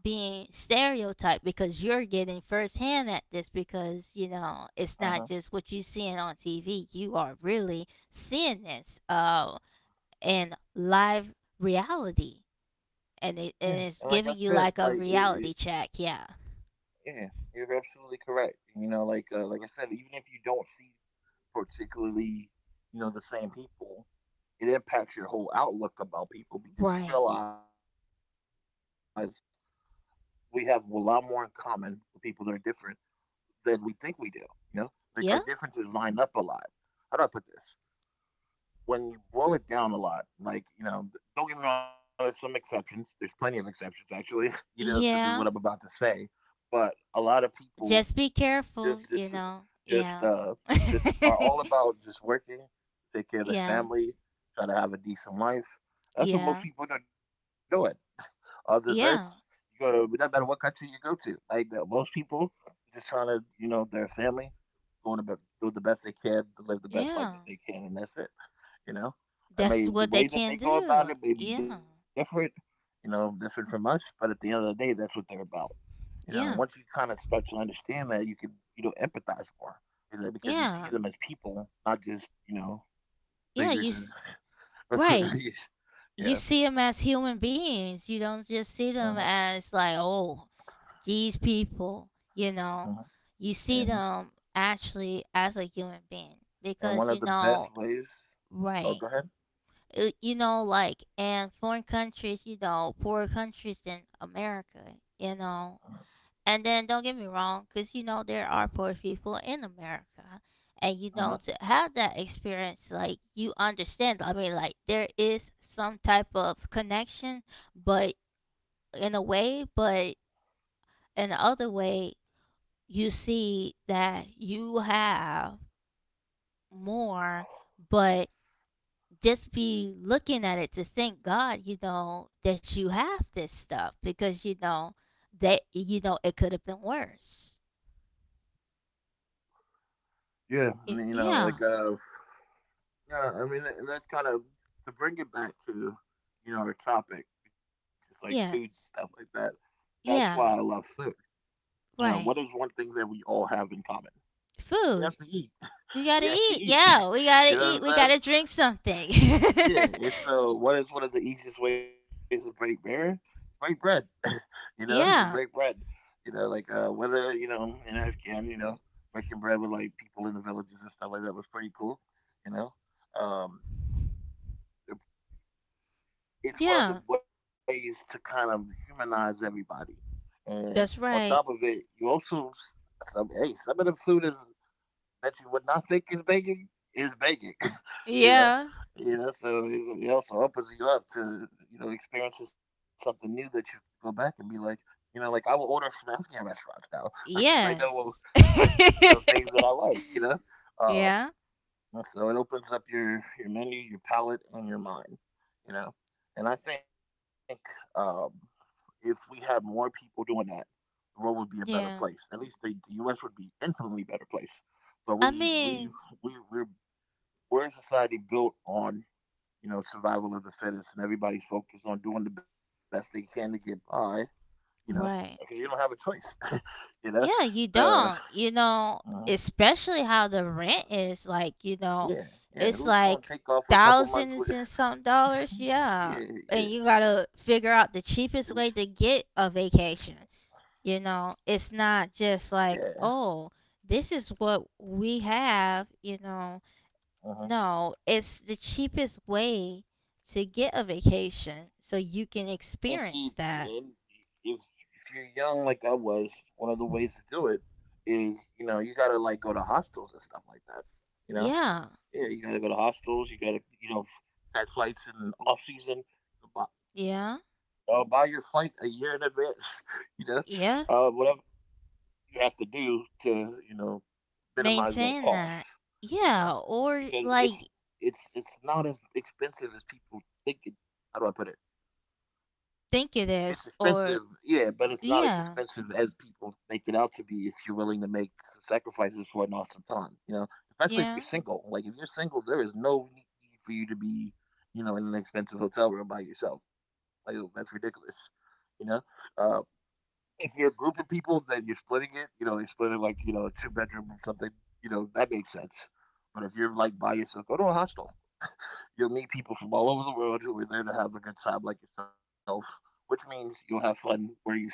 Speaker 1: being stereotyped because you're getting firsthand at this because you know it's not
Speaker 2: Uh-huh.
Speaker 1: just what you seeing on TV, you are really seeing this in live reality,
Speaker 2: Yeah,
Speaker 1: and it
Speaker 2: and like I
Speaker 1: and it's
Speaker 2: said,
Speaker 1: giving
Speaker 2: like
Speaker 1: you like a
Speaker 2: it,
Speaker 1: reality check. Yeah,
Speaker 2: yeah, you're absolutely correct. You know, like, like I said, even if you don't see particularly, you know, the same people, it impacts your whole outlook about people because you
Speaker 1: right,
Speaker 2: realize we have a lot more in common with people that are different than we think we do. You know, like, our differences
Speaker 1: yeah,
Speaker 2: line up a lot. How do I put this? When you boil it down a lot, like, you know, don't get me wrong, there's some exceptions. There's plenty of exceptions actually, you know, to this, what I'm about to
Speaker 1: yeah,
Speaker 2: say. But a lot of people
Speaker 1: just be
Speaker 2: just
Speaker 1: careful
Speaker 2: just
Speaker 1: you know
Speaker 2: just
Speaker 1: yeah.
Speaker 2: uh just are all about just working, take care of their
Speaker 1: Yeah,
Speaker 2: family, try to have a decent life. That's what most
Speaker 1: yeah,
Speaker 2: people are doing on this earth. You go
Speaker 1: yeah,
Speaker 2: to it doesn't matter what country you go to. Like, the, most people just trying to, you know, their family, going about doing the best they can to live the best life that
Speaker 1: yeah.
Speaker 2: they can, and that's it. You know, I mean,
Speaker 1: That's
Speaker 2: the
Speaker 1: what
Speaker 2: way
Speaker 1: they
Speaker 2: that they
Speaker 1: can
Speaker 2: go about it
Speaker 1: do.
Speaker 2: may be
Speaker 1: Yeah.
Speaker 2: different, you know, different from us, but at the end of the day, that's what they're about. You know, and once you
Speaker 1: Yeah.
Speaker 2: kind of start to understand that, you can, you know, empathize more, you know, because you see them
Speaker 1: Yeah.
Speaker 2: as people, not just, you know,
Speaker 1: Yeah.
Speaker 2: figures. And,
Speaker 1: Right. You
Speaker 2: yeah.
Speaker 1: see them as human beings. You don't just
Speaker 2: Uh-huh,
Speaker 1: see them as like, oh, these people. You
Speaker 2: uh-huh.
Speaker 1: know, you see
Speaker 2: And
Speaker 1: them actually as a human being
Speaker 2: and one
Speaker 1: because
Speaker 2: of
Speaker 1: you
Speaker 2: the best
Speaker 1: know,
Speaker 2: ways. Oh,
Speaker 1: right.
Speaker 2: go ahead.
Speaker 1: You know, like in foreign countries, you know, poorer countries than America. You know, and then don't get me wrong, because you know there are poor people in America, and you
Speaker 2: Uh-huh.
Speaker 1: know to have that experience, like you understand. I mean, like there is some type of connection, but in a way, but in the other way, you see that you have more, but just be looking at it to thank God, you know, that you have this stuff because you know that you know it could have been worse.
Speaker 2: Yeah, I
Speaker 1: Y-
Speaker 2: mean,
Speaker 1: Yeah.
Speaker 2: yeah, I mean, and that's kind of to bring it back to, you know, our topic, which is like food and stuff like
Speaker 1: Yes.
Speaker 2: that. That's why I love
Speaker 1: Yeah.
Speaker 2: food. You know, what is
Speaker 1: Right.
Speaker 2: one thing that we all have in common? We have
Speaker 1: Food.
Speaker 2: to eat.
Speaker 1: We
Speaker 2: We
Speaker 1: gotta
Speaker 2: have to
Speaker 1: eat.
Speaker 2: eat.
Speaker 1: Yeah. We gotta
Speaker 2: You know
Speaker 1: eat. We
Speaker 2: what I'm
Speaker 1: gotta drink something.
Speaker 2: saying? Yeah. And so, what is one of the easiest ways to break bread? Break bread. You know, you break
Speaker 1: yeah.
Speaker 2: bread. Whether you know in Afghan, you know, breaking bread with like people in the villages and stuff like that was pretty cool. You know, um, it's one of the
Speaker 1: Yeah.
Speaker 2: ways to kind of humanize everybody. And on
Speaker 1: That's
Speaker 2: top of
Speaker 1: right.
Speaker 2: it, you also some hey, some of the food is that you would not think is bacon is bacon. You know?
Speaker 1: Yeah.
Speaker 2: You know, so it also opens you up to, you know, experiencing something new that you can go back and be like, you know, like I will order from Afghan restaurants now because I know
Speaker 1: Yes.
Speaker 2: certain, you know, things that I like, you know. Um,
Speaker 1: yeah.
Speaker 2: So it opens up your menu, your palate, and your mind. You know, and I think um, if we had more people doing that, the world would be a better place.
Speaker 1: Yeah.
Speaker 2: At least the U.S. would be infinitely better place. But
Speaker 1: I
Speaker 2: we we
Speaker 1: mean,
Speaker 2: we we're we're a society built on you know survival of the fittest, and everybody's focused on doing the best they can to get by. You know, because you
Speaker 1: right.
Speaker 2: don't have a choice. you know,
Speaker 1: Yeah, you
Speaker 2: so
Speaker 1: don't. You know,
Speaker 2: uh,
Speaker 1: especially how the rent is like, you know,
Speaker 2: yeah, yeah.
Speaker 1: it's
Speaker 2: Who's
Speaker 1: like
Speaker 2: gonna take off for a couple
Speaker 1: thousands
Speaker 2: months
Speaker 1: and
Speaker 2: with?
Speaker 1: some dollars. Yeah.
Speaker 2: Yeah,
Speaker 1: And you got to figure out the cheapest way to get a vacation. You know,
Speaker 2: yeah,
Speaker 1: it's
Speaker 2: yeah.
Speaker 1: not just like, oh, this is what we have, you know.
Speaker 2: Uh-huh.
Speaker 1: No, it's the cheapest way to get a vacation so you can
Speaker 2: And see,
Speaker 1: experience that.
Speaker 2: and if you're young like I was, one of the ways to do it is, you know, you gotta like go to hostels and stuff like that. You know,
Speaker 1: Yeah.
Speaker 2: yeah, you gotta go to hostels. You gotta, you know, catch flights in off season. Buy,
Speaker 1: Yeah.
Speaker 2: Buy your flight a year in advance. You know,
Speaker 1: Yeah.
Speaker 2: Whatever you have to do to, you know, minimize that
Speaker 1: Maintain
Speaker 2: cost.
Speaker 1: that.
Speaker 2: You
Speaker 1: Yeah,
Speaker 2: know,
Speaker 1: or
Speaker 2: because it's
Speaker 1: like
Speaker 2: it's it's not as expensive as people think. How do I put it? It's
Speaker 1: think it is,
Speaker 2: expensive,
Speaker 1: or
Speaker 2: yeah, but it's not as expensive
Speaker 1: yeah,
Speaker 2: as people make it out to be if you're willing to make some sacrifices for an awesome time, you know? Especially if you're
Speaker 1: yeah,
Speaker 2: single. Like, if you're single, there is no need for you to be, you know, in an expensive hotel room by yourself. Like, oh, that's ridiculous, you know? Uh, if you're a group of people, then you're splitting it, you know, you are splitting like, you know, a two bedroom or something, you know, that makes sense. But if you're like by yourself, go to a hostel. You'll meet people from all over the world who are there to have a good time like yourself, which means you'll have fun where you're staying.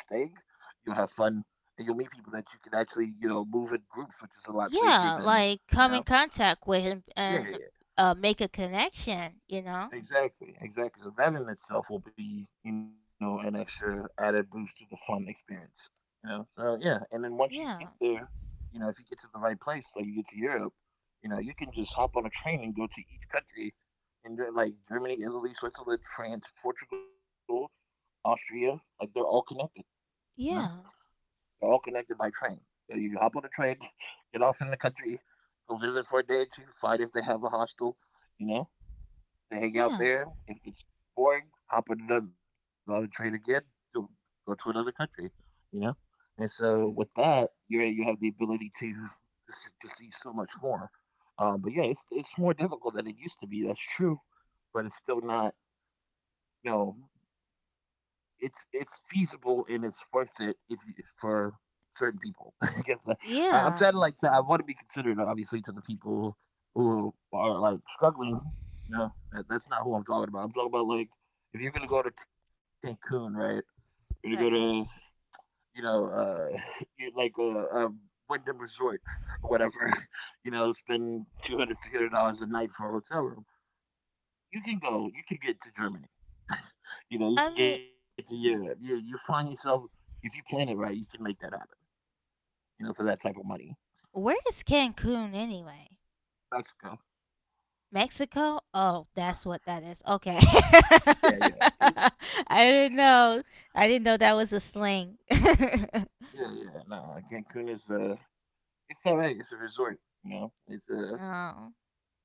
Speaker 2: You'll have fun and you'll meet people that you can actually, you know, move in groups, which is a lot safer
Speaker 1: yeah,
Speaker 2: than,
Speaker 1: like
Speaker 2: you
Speaker 1: come in
Speaker 2: know.
Speaker 1: contact with him
Speaker 2: Yeah. Yeah,
Speaker 1: and
Speaker 2: yeah.
Speaker 1: make a connection, you know?
Speaker 2: Exactly, exactly. So that in itself will be, you know, an extra added boost to the fun experience. You know, so yeah. And then once you get
Speaker 1: Yeah,
Speaker 2: there, you know, if you get to the right place, like you get to Europe, you know, you can just hop on a train and go to each country, and they're like Germany, Italy, Switzerland, France, Portugal, Austria. Like they're all connected. You
Speaker 1: yeah,
Speaker 2: know, they're all connected by train. So you hop on a train, get off in the country, go visit for a day or two, find if they have a hostel. You know, they hang out
Speaker 1: yeah,
Speaker 2: there. If it's boring, hop on another on the train again to go to another country, you know. And so with that,
Speaker 1: hmm
Speaker 2: you're you have the ability to see so much more. But yeah, it's more difficult than it used to be. That's true, but it's still not you know it's feasible and it's worth it if you, for certain people. I,
Speaker 1: yeah.
Speaker 2: I'm trying to like to, I want to be considerate, obviously, to the people who are like struggling. You know, that's not who I'm talking about. I'm talking about like if you're gonna go to Cancun, right? You're gonna go
Speaker 1: Sorry.
Speaker 2: to you know, you- like uh, um, Wyndham Resort or whatever. You know, spend two hundred three hundred dollars a night for a hotel room. You can go. You can get to Germany. You know, you
Speaker 1: I
Speaker 2: can get
Speaker 1: mean,
Speaker 2: to Europe. You find yourself if you plan it right, you can make that happen. You know, for that type of money.
Speaker 1: where is Cancun anyway?
Speaker 2: Mexico.
Speaker 1: Mexico? Oh, that's what that is. Okay.
Speaker 2: Yeah, yeah. It's
Speaker 1: I didn't know. I didn't know that was a slang.
Speaker 2: yeah, yeah. No, Cancun is it's all right. It's a resort. You know, it's
Speaker 1: oh,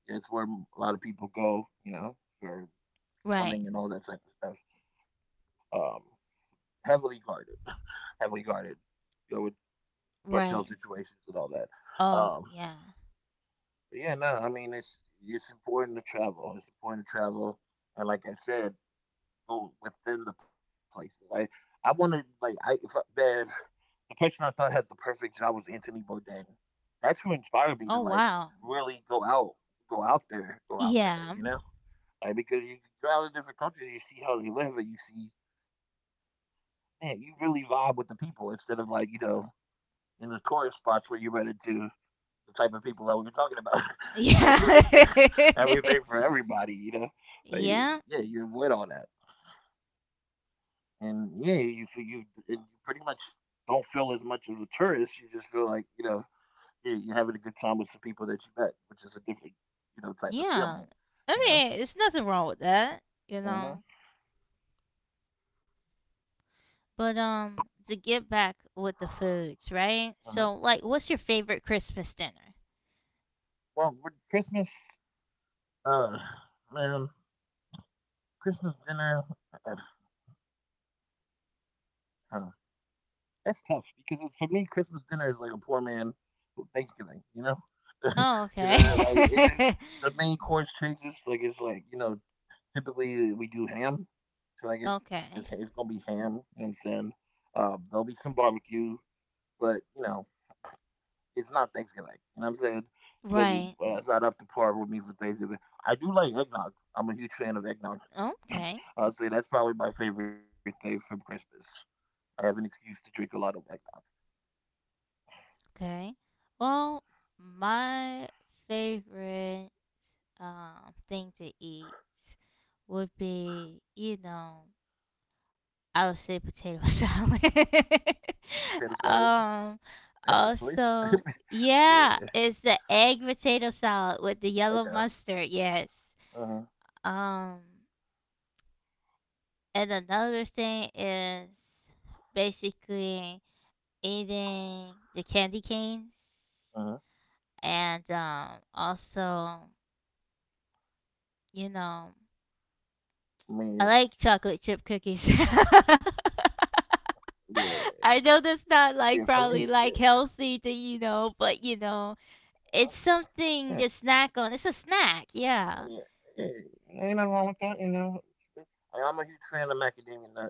Speaker 2: Yeah, it's where a lot of people go. You know, for
Speaker 1: right.
Speaker 2: swimming and all that type of stuff. Um, Heavily guarded, heavily guarded. You know, with cartel
Speaker 1: Right.
Speaker 2: situations and all that.
Speaker 1: Oh,
Speaker 2: Um,
Speaker 1: yeah.
Speaker 2: but yeah, no. I mean, it's important to travel. It's important to travel, and like I said, go within the places. I wanted like I if I, man, the person I thought had the perfect job was Anthony Bourdain. That's who inspired me to
Speaker 1: Oh,
Speaker 2: like
Speaker 1: wow.
Speaker 2: really go out there, go out there.
Speaker 1: Yeah.
Speaker 2: You know, like because you go out to different countries, you see how they live, and you see man, you really vibe with the people instead of like you know in the tourist spots where you run into the type of people that we were talking about. You know,
Speaker 1: Yeah.
Speaker 2: rooting everything for everybody. You know, but
Speaker 1: Yeah.
Speaker 2: yeah, you avoid all that. And yeah, you feel you and you pretty much don't feel as much as a tourist. You just feel like you know you're having a good time with some people that you met, which is a different you know type of
Speaker 1: Yeah.
Speaker 2: feeling. You
Speaker 1: I
Speaker 2: know.
Speaker 1: mean, it's nothing wrong with that, you
Speaker 2: Mhm.
Speaker 1: know. But to get back with the foods, right?
Speaker 2: Mhm.
Speaker 1: So like what's your favorite Christmas dinner?
Speaker 2: Well, with Christmas, uh, man, Christmas dinner, uh, uh, that's tough because it's- for me, Christmas dinner is like a poor man Thanksgiving. You know.
Speaker 1: Oh,
Speaker 2: You know, like it
Speaker 1: okay.
Speaker 2: just the main course changes. Like it's like you know typically, we do ham, so I guess it's gonna
Speaker 1: okay.
Speaker 2: be ham. You know what I'm saying? There'll be some barbecue, but you know, it's not Thanksgiving. You know what I'm saying? It doesn't.
Speaker 1: Right.
Speaker 2: It's not up to par with me for Thanksgiving. I do like eggnog. I'm a huge fan of eggnog.
Speaker 1: Okay.
Speaker 2: I'd say that's probably my favorite thing from Christmas. I have an excuse to drink a lot of eggnog.
Speaker 1: Okay. Well, my favorite thing to eat would be, you know, I would say potato salad.
Speaker 2: Potato salad.
Speaker 1: um
Speaker 2: That's a choice.
Speaker 1: also,
Speaker 2: Yeah.
Speaker 1: yeah, it's the egg potato salad with the yellow
Speaker 2: Okay.
Speaker 1: mustard, yes.
Speaker 2: Uh huh.
Speaker 1: Um and another thing is basically eating the candy canes,
Speaker 2: Uh huh.
Speaker 1: and also, you know,
Speaker 2: I
Speaker 1: I
Speaker 2: mean,
Speaker 1: like chocolate chip cookies.
Speaker 2: yeah. Yeah.
Speaker 1: I
Speaker 2: For
Speaker 1: know
Speaker 2: me,
Speaker 1: that's not
Speaker 2: yeah.
Speaker 1: like probably like healthy to you know, but you
Speaker 2: uh,
Speaker 1: know, it's
Speaker 2: Yeah.
Speaker 1: something to snack on. It's a snack,
Speaker 2: Yeah,
Speaker 1: yeah,
Speaker 2: yeah. Yeah. Ain't nothing wrong with that, you know. I, I'm a huge fan of macadamia nut.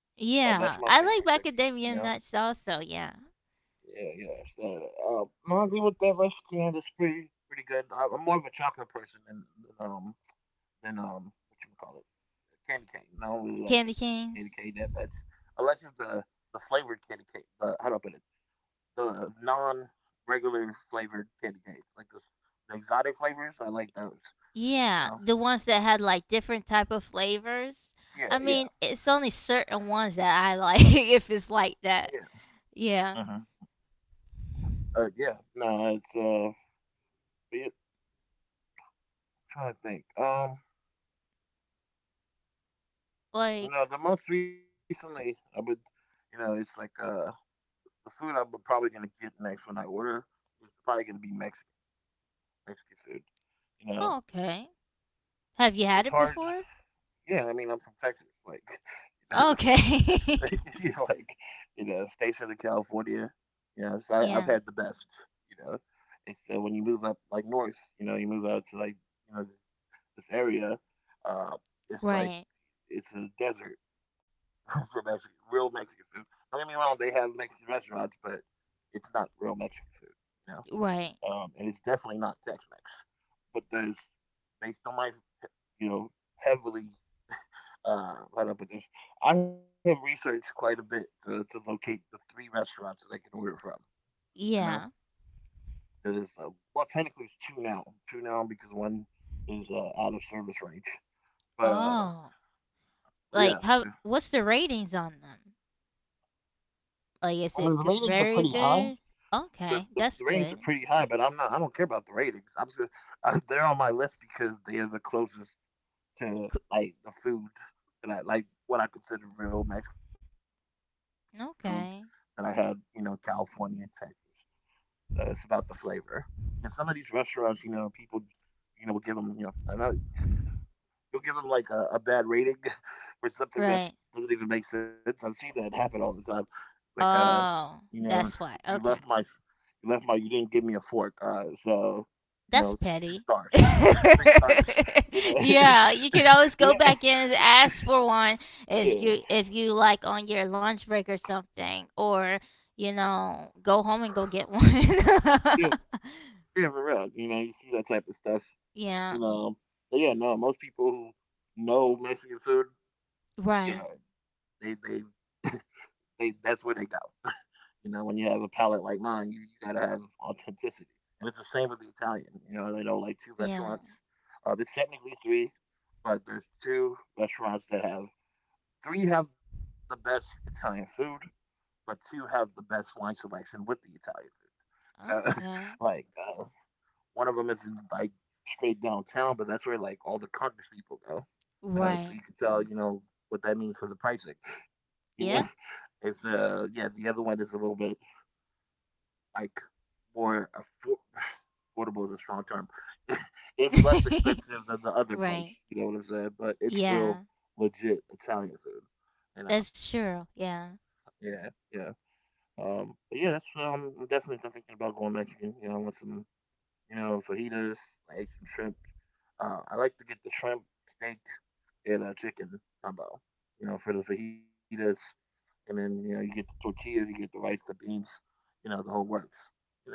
Speaker 2: That's my
Speaker 1: yeah.
Speaker 2: favorite
Speaker 1: I like
Speaker 2: cookie, you know.
Speaker 1: macadamia nuts also, yeah.
Speaker 2: Yeah, yeah. So, I agree with that recipe. You know, pretty pretty good. I, I'm more of a chocolate person than, than um than what you call it candy cane. I don't really like
Speaker 1: Candy
Speaker 2: candy cane that
Speaker 1: canes,
Speaker 2: much, unless it's the flavored candy cane. The How do I put it? The non regular flavored candy cane, like the exotic flavors. I like those. You
Speaker 1: yeah,
Speaker 2: know.
Speaker 1: the ones that had like different type of flavors.
Speaker 2: Yeah,
Speaker 1: I
Speaker 2: yeah,
Speaker 1: mean, it's only certain ones that I like if it's like that.
Speaker 2: yeah.
Speaker 1: Yeah.
Speaker 2: Yeah, no, it, trying to think.
Speaker 1: Like
Speaker 2: You know, the most recently I would, you know, it's like the food I'm probably gonna get next when I order is probably gonna be Mexican food. You know,
Speaker 1: oh, okay. Have you
Speaker 2: it's
Speaker 1: had it
Speaker 2: hard.
Speaker 1: before?
Speaker 2: Yeah, I mean, I'm from Texas, like, you know, like,
Speaker 1: Okay.
Speaker 2: you know, like, you know, stations in California. You know, so I, I've had the
Speaker 1: yeah.
Speaker 2: best. You know, and so when you move up like north, you know, you move out to like you know this area, uh, it's like
Speaker 1: Right.
Speaker 2: it's a desert for Mexican, real Mexican food. Don't get me wrong; they have Mexican restaurants, but it's not real Mexican food, you know.
Speaker 1: Right.
Speaker 2: And it's definitely not Tex-Mex. But there's they still might, you know, heavily right up with this. I have researched quite a bit to locate the three restaurants that I can order from. You know,
Speaker 1: Yeah.
Speaker 2: there's well, technically it's two now because one is out of service range. But
Speaker 1: Oh. Like
Speaker 2: Yeah,
Speaker 1: how
Speaker 2: there's
Speaker 1: what's the ratings on them?
Speaker 2: I
Speaker 1: Like
Speaker 2: mean, the
Speaker 1: is
Speaker 2: ratings are pretty
Speaker 1: very
Speaker 2: high.
Speaker 1: good?
Speaker 2: The, the,
Speaker 1: Okay.
Speaker 2: the
Speaker 1: That's
Speaker 2: ratings are
Speaker 1: good.
Speaker 2: pretty high, but I'm not. I don't care about the ratings. I'm just they're on my list because they are the closest to
Speaker 1: C-
Speaker 2: like the food that I like, what I consider real Mexican food that I had, you know, in
Speaker 1: Okay.
Speaker 2: California and Texas. It's about the flavor. Because some of these restaurants, you know, people, you know, will give them, you know, I don't know, you'll give them like a bad rating for something that
Speaker 1: Right.
Speaker 2: doesn't even make sense. I've seen that happen all the time. Like, you
Speaker 1: Oh.
Speaker 2: know, you
Speaker 1: That's why.
Speaker 2: left my,
Speaker 1: Okay.
Speaker 2: you left my, you didn't give me a fork. So, you know,
Speaker 1: That's
Speaker 2: two
Speaker 1: petty.
Speaker 2: stars, three stars. You know,
Speaker 1: yeah, you can always go
Speaker 2: yeah,
Speaker 1: back in and ask for one
Speaker 2: yeah,
Speaker 1: if you like on your lunch break or something, or you know, go home and go get one.
Speaker 2: yeah, yeah, for real. You know, you see that type of stuff.
Speaker 1: yeah,
Speaker 2: You know, but yeah, no, most people who know Mexican food, yeah,
Speaker 1: right.
Speaker 2: they, they, they, that's where they go. You know, when you have a palate like mine, you gotta have authenticity. And it's the same with the Italian. You know, they know like two
Speaker 1: Yeah.
Speaker 2: restaurants. There's technically three, but there's two restaurants that have three have the best Italian food, but two have the best wine selection with the Italian food. So,
Speaker 1: Okay.
Speaker 2: like, uh, one of them is in like straight downtown, but that's where like all the Congress people go. So
Speaker 1: Right.
Speaker 2: you can tell, you know, what that means for the pricing. You know,
Speaker 1: Yeah.
Speaker 2: it's yeah, the other one is a little bit like more affordable is a strong term. It's less expensive than the other place.
Speaker 1: right.
Speaker 2: You know what I'm saying? But it's
Speaker 1: Yeah.
Speaker 2: real legit Italian food. You know?
Speaker 1: That's true. Yeah.
Speaker 2: Yeah, yeah. But yeah, that's I'm definitely thinking about going Mexican. You know, I want some, you know, fajitas, like some shrimp. I like to get the shrimp, steak, and chicken combo. You know, for the fajitas, and then you know you get the tortillas, you get the rice, the beans, you know, the whole works. You know,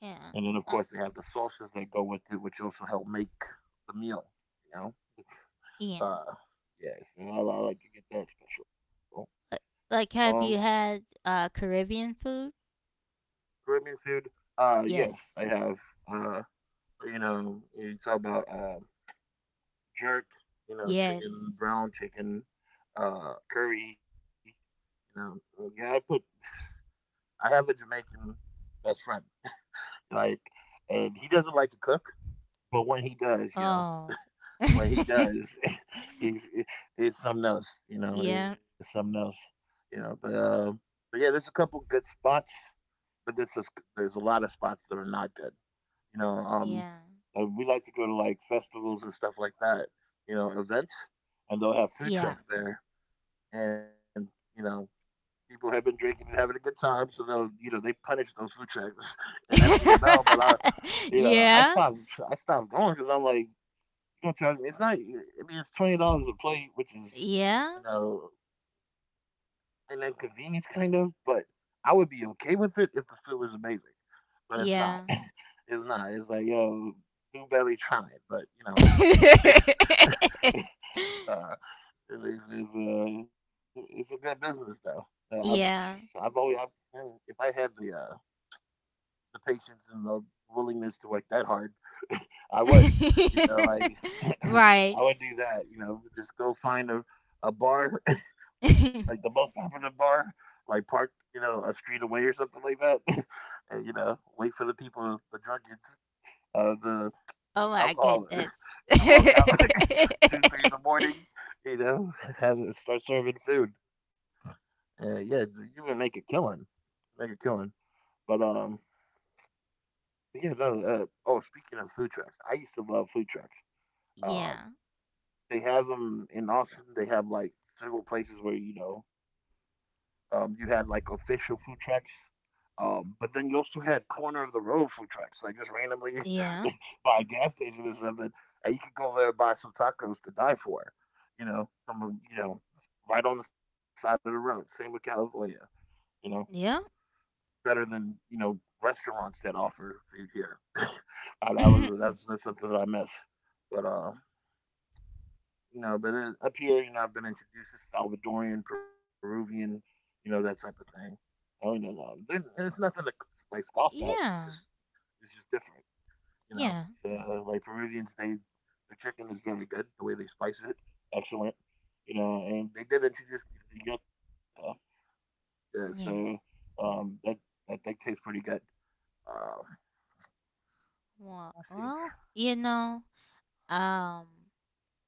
Speaker 1: Yeah.
Speaker 2: and then, of
Speaker 1: Uh,
Speaker 2: course, they have the sauces that go with it, which also help make the meal. You know,
Speaker 1: yeah.
Speaker 2: uh, yes, and I like to get that special.
Speaker 1: Li-
Speaker 2: Um,
Speaker 1: Like, have you had Caribbean food?
Speaker 2: Caribbean food, yes,
Speaker 1: Yes.
Speaker 2: I have. Uh, you know, you talk about jerk, you know,
Speaker 1: Yes.
Speaker 2: chicken, brown chicken, curry. You know, yeah, I put. I have a Jamaican best friend, like, and he doesn't like to cook, but when he does, yeah.
Speaker 1: Oh.
Speaker 2: What he does is it, it's something else, you know, it's
Speaker 1: Yeah,
Speaker 2: something else, you know. But yeah, there's a couple good spots, but there's just, there's a lot of spots that are not good, you know.
Speaker 1: yeah.
Speaker 2: We like to go to like festivals and stuff like that, you know, events, and they'll have food
Speaker 1: Yeah.
Speaker 2: trucks there, and you know. People have been drinking and having a good time, so they'll, you know, they punish those food trucks and empty them out. But I, you know,
Speaker 1: Yeah.
Speaker 2: I stopped going because I'm like, you know, charge it's not I mean, it's $20 a plate, which is, you
Speaker 1: Yeah.
Speaker 2: know, an inconvenience kind of, but I would be okay with it if the food was amazing, but it's not.
Speaker 1: Yeah.
Speaker 2: It's not. It's like, yo, do barely try it, but, you know, uh, it's a good business though. Uh, I've I've
Speaker 1: Yeah.
Speaker 2: always I've, if I had the patience and the willingness to work that hard, I would. You know, like I
Speaker 1: Right.
Speaker 2: would do that. You know, just go find a bar, like the most popular bar, like park, you know, a street away or something like that, and you know, wait for the people, the drunkards, the
Speaker 1: Oh my
Speaker 2: alcohol
Speaker 1: goodness.
Speaker 2: to walk out two, three in the morning. You know, have it start serving food. Yeah, you would make a killing, make a killing. But yeah, no. Oh, speaking of food trucks, I used to love food trucks. Uh,
Speaker 1: Yeah.
Speaker 2: they have them in Austin. They have like several places where you know you had like official food trucks, but then you also had corner of the road food trucks, like just randomly
Speaker 1: Yeah.
Speaker 2: by a gas station or something, and you could go there and buy some tacos to die for. You know, you know right on the side of the road. Same with California. You know,
Speaker 1: Yeah.
Speaker 2: better than you know restaurants that offer food here. That's something that I miss. But you know, but then up here, you know, I've been introduced to Salvadorian, Peruvian, you know, that type of thing. Oh, you know, then it's nothing to like scoff at.
Speaker 1: Yeah.
Speaker 2: It's just different, you know.
Speaker 1: Yeah.
Speaker 2: So, like Peruvians, they the chicken is very good. The way they spice it, excellent. You know, and they did introduce me to the yuca, yeah, so
Speaker 1: Yeah.
Speaker 2: that that tastes pretty good. Uh,
Speaker 1: Well,
Speaker 2: let's see.
Speaker 1: well, you know, um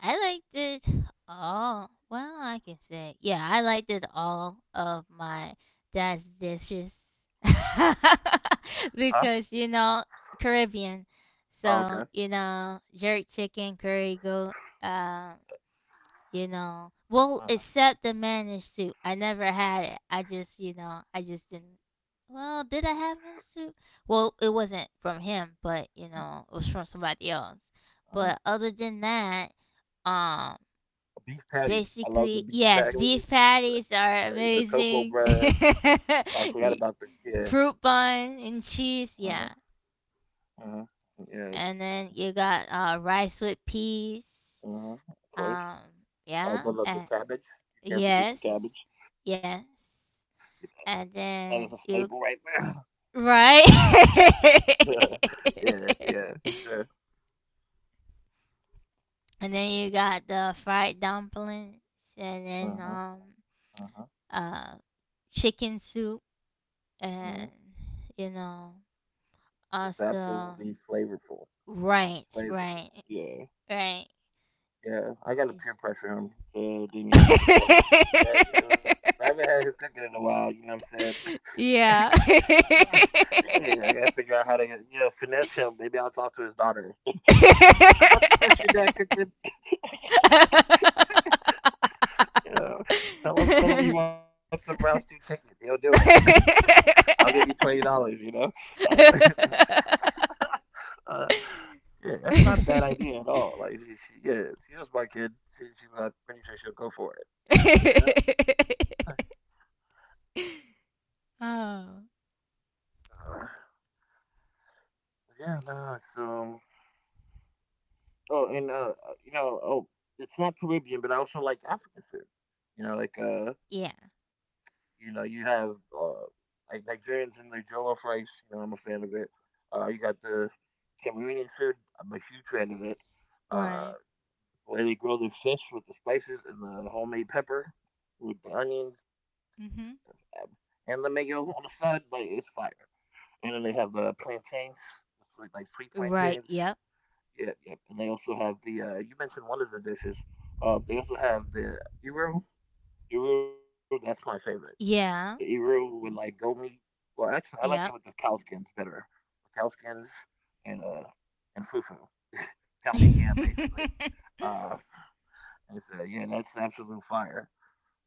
Speaker 1: I liked it all. Well, I can say, yeah, I liked it all of my dad's dishes
Speaker 2: Huh?
Speaker 1: because you know Caribbean,
Speaker 2: Oh,
Speaker 1: so
Speaker 2: okay.
Speaker 1: you know jerk chicken, curry goat, uh, you know. Well,
Speaker 2: Uh huh.
Speaker 1: except the managed soup, I never had it. I just, you know, I just didn't. Well, did I have managed soup? Well, it wasn't from him, but you
Speaker 2: Uh
Speaker 1: know, it was from somebody else.
Speaker 2: huh.
Speaker 1: But other than that, um
Speaker 2: A beef patty. I love the
Speaker 1: basically,
Speaker 2: beef
Speaker 1: yes,
Speaker 2: patty,
Speaker 1: beef patties
Speaker 2: the
Speaker 1: are
Speaker 2: cocoa bread.
Speaker 1: amazing.
Speaker 2: I forgot about the
Speaker 1: Y-
Speaker 2: yeah,
Speaker 1: Fruit bun and
Speaker 2: uh
Speaker 1: cheese,
Speaker 2: huh.
Speaker 1: yeah.
Speaker 2: Uh huh. Yeah.
Speaker 1: And then you got rice with peas.
Speaker 2: Uh huh. Of course,
Speaker 1: Um,
Speaker 2: I
Speaker 1: yeah,
Speaker 2: do love the cabbage. You can't forget the
Speaker 1: yes,
Speaker 2: cabbage.
Speaker 1: yes.
Speaker 2: That is a staple
Speaker 1: And
Speaker 2: right there.
Speaker 1: then you, right?
Speaker 2: Yeah, yeah, yeah. For sure.
Speaker 1: and then you got the fried dumplings, and
Speaker 2: Uh
Speaker 1: then
Speaker 2: huh. Uh huh.
Speaker 1: uh, chicken soup
Speaker 2: Uh huh.
Speaker 1: and you know
Speaker 2: It's
Speaker 1: also
Speaker 2: absolutely flavorful.
Speaker 1: right right
Speaker 2: Flavorful. Yeah.
Speaker 1: right
Speaker 2: Yeah, I gotta peer pressure him to leave me Damiano to cook. I haven't had his cooking in a while, you know what I'm saying?
Speaker 1: yeah
Speaker 2: Yeah, I gotta figure out how to, you know, finesse him. Maybe I'll talk to his daughter. Don't you miss your dad cooking? You know, tell him you want some brown stew chicken. He'll do it. I'll give you $20. You know, uh, uh, yeah, that's not a bad idea at all. Like, yeah, she's just my kid. I'm pretty sure she'll go for it. You know.
Speaker 1: Oh,
Speaker 2: Uh, Yeah, no, it's Oh, and you know, oh, it's not Caribbean, but I also like African food. You know, like
Speaker 1: yeah.
Speaker 2: you know, you have like Nigerians and their jollof rice. You know, I'm a fan of it. You got the Cameroonian food. I'm a huge fan of it. Uh,
Speaker 1: Right.
Speaker 2: where they grow the fish with the spices and the homemade pepper with the onions
Speaker 1: Mm-hmm.
Speaker 2: uh, and the mayo on the side, like it's fire. And then they have the plantains, it's like sweet plantains.
Speaker 1: Right. Yep.
Speaker 2: Yep, yep. And they also have the you mentioned one of the dishes. They also have the iru. Iru, that's my favorite. The
Speaker 1: Yeah.
Speaker 2: iru with like goat meat. Well, actually, I like it with the
Speaker 1: Yep.
Speaker 2: cow skins better. The cow skins and uh and fufu, pounded yam basically. Uh, and so yeah, that's absolute fire.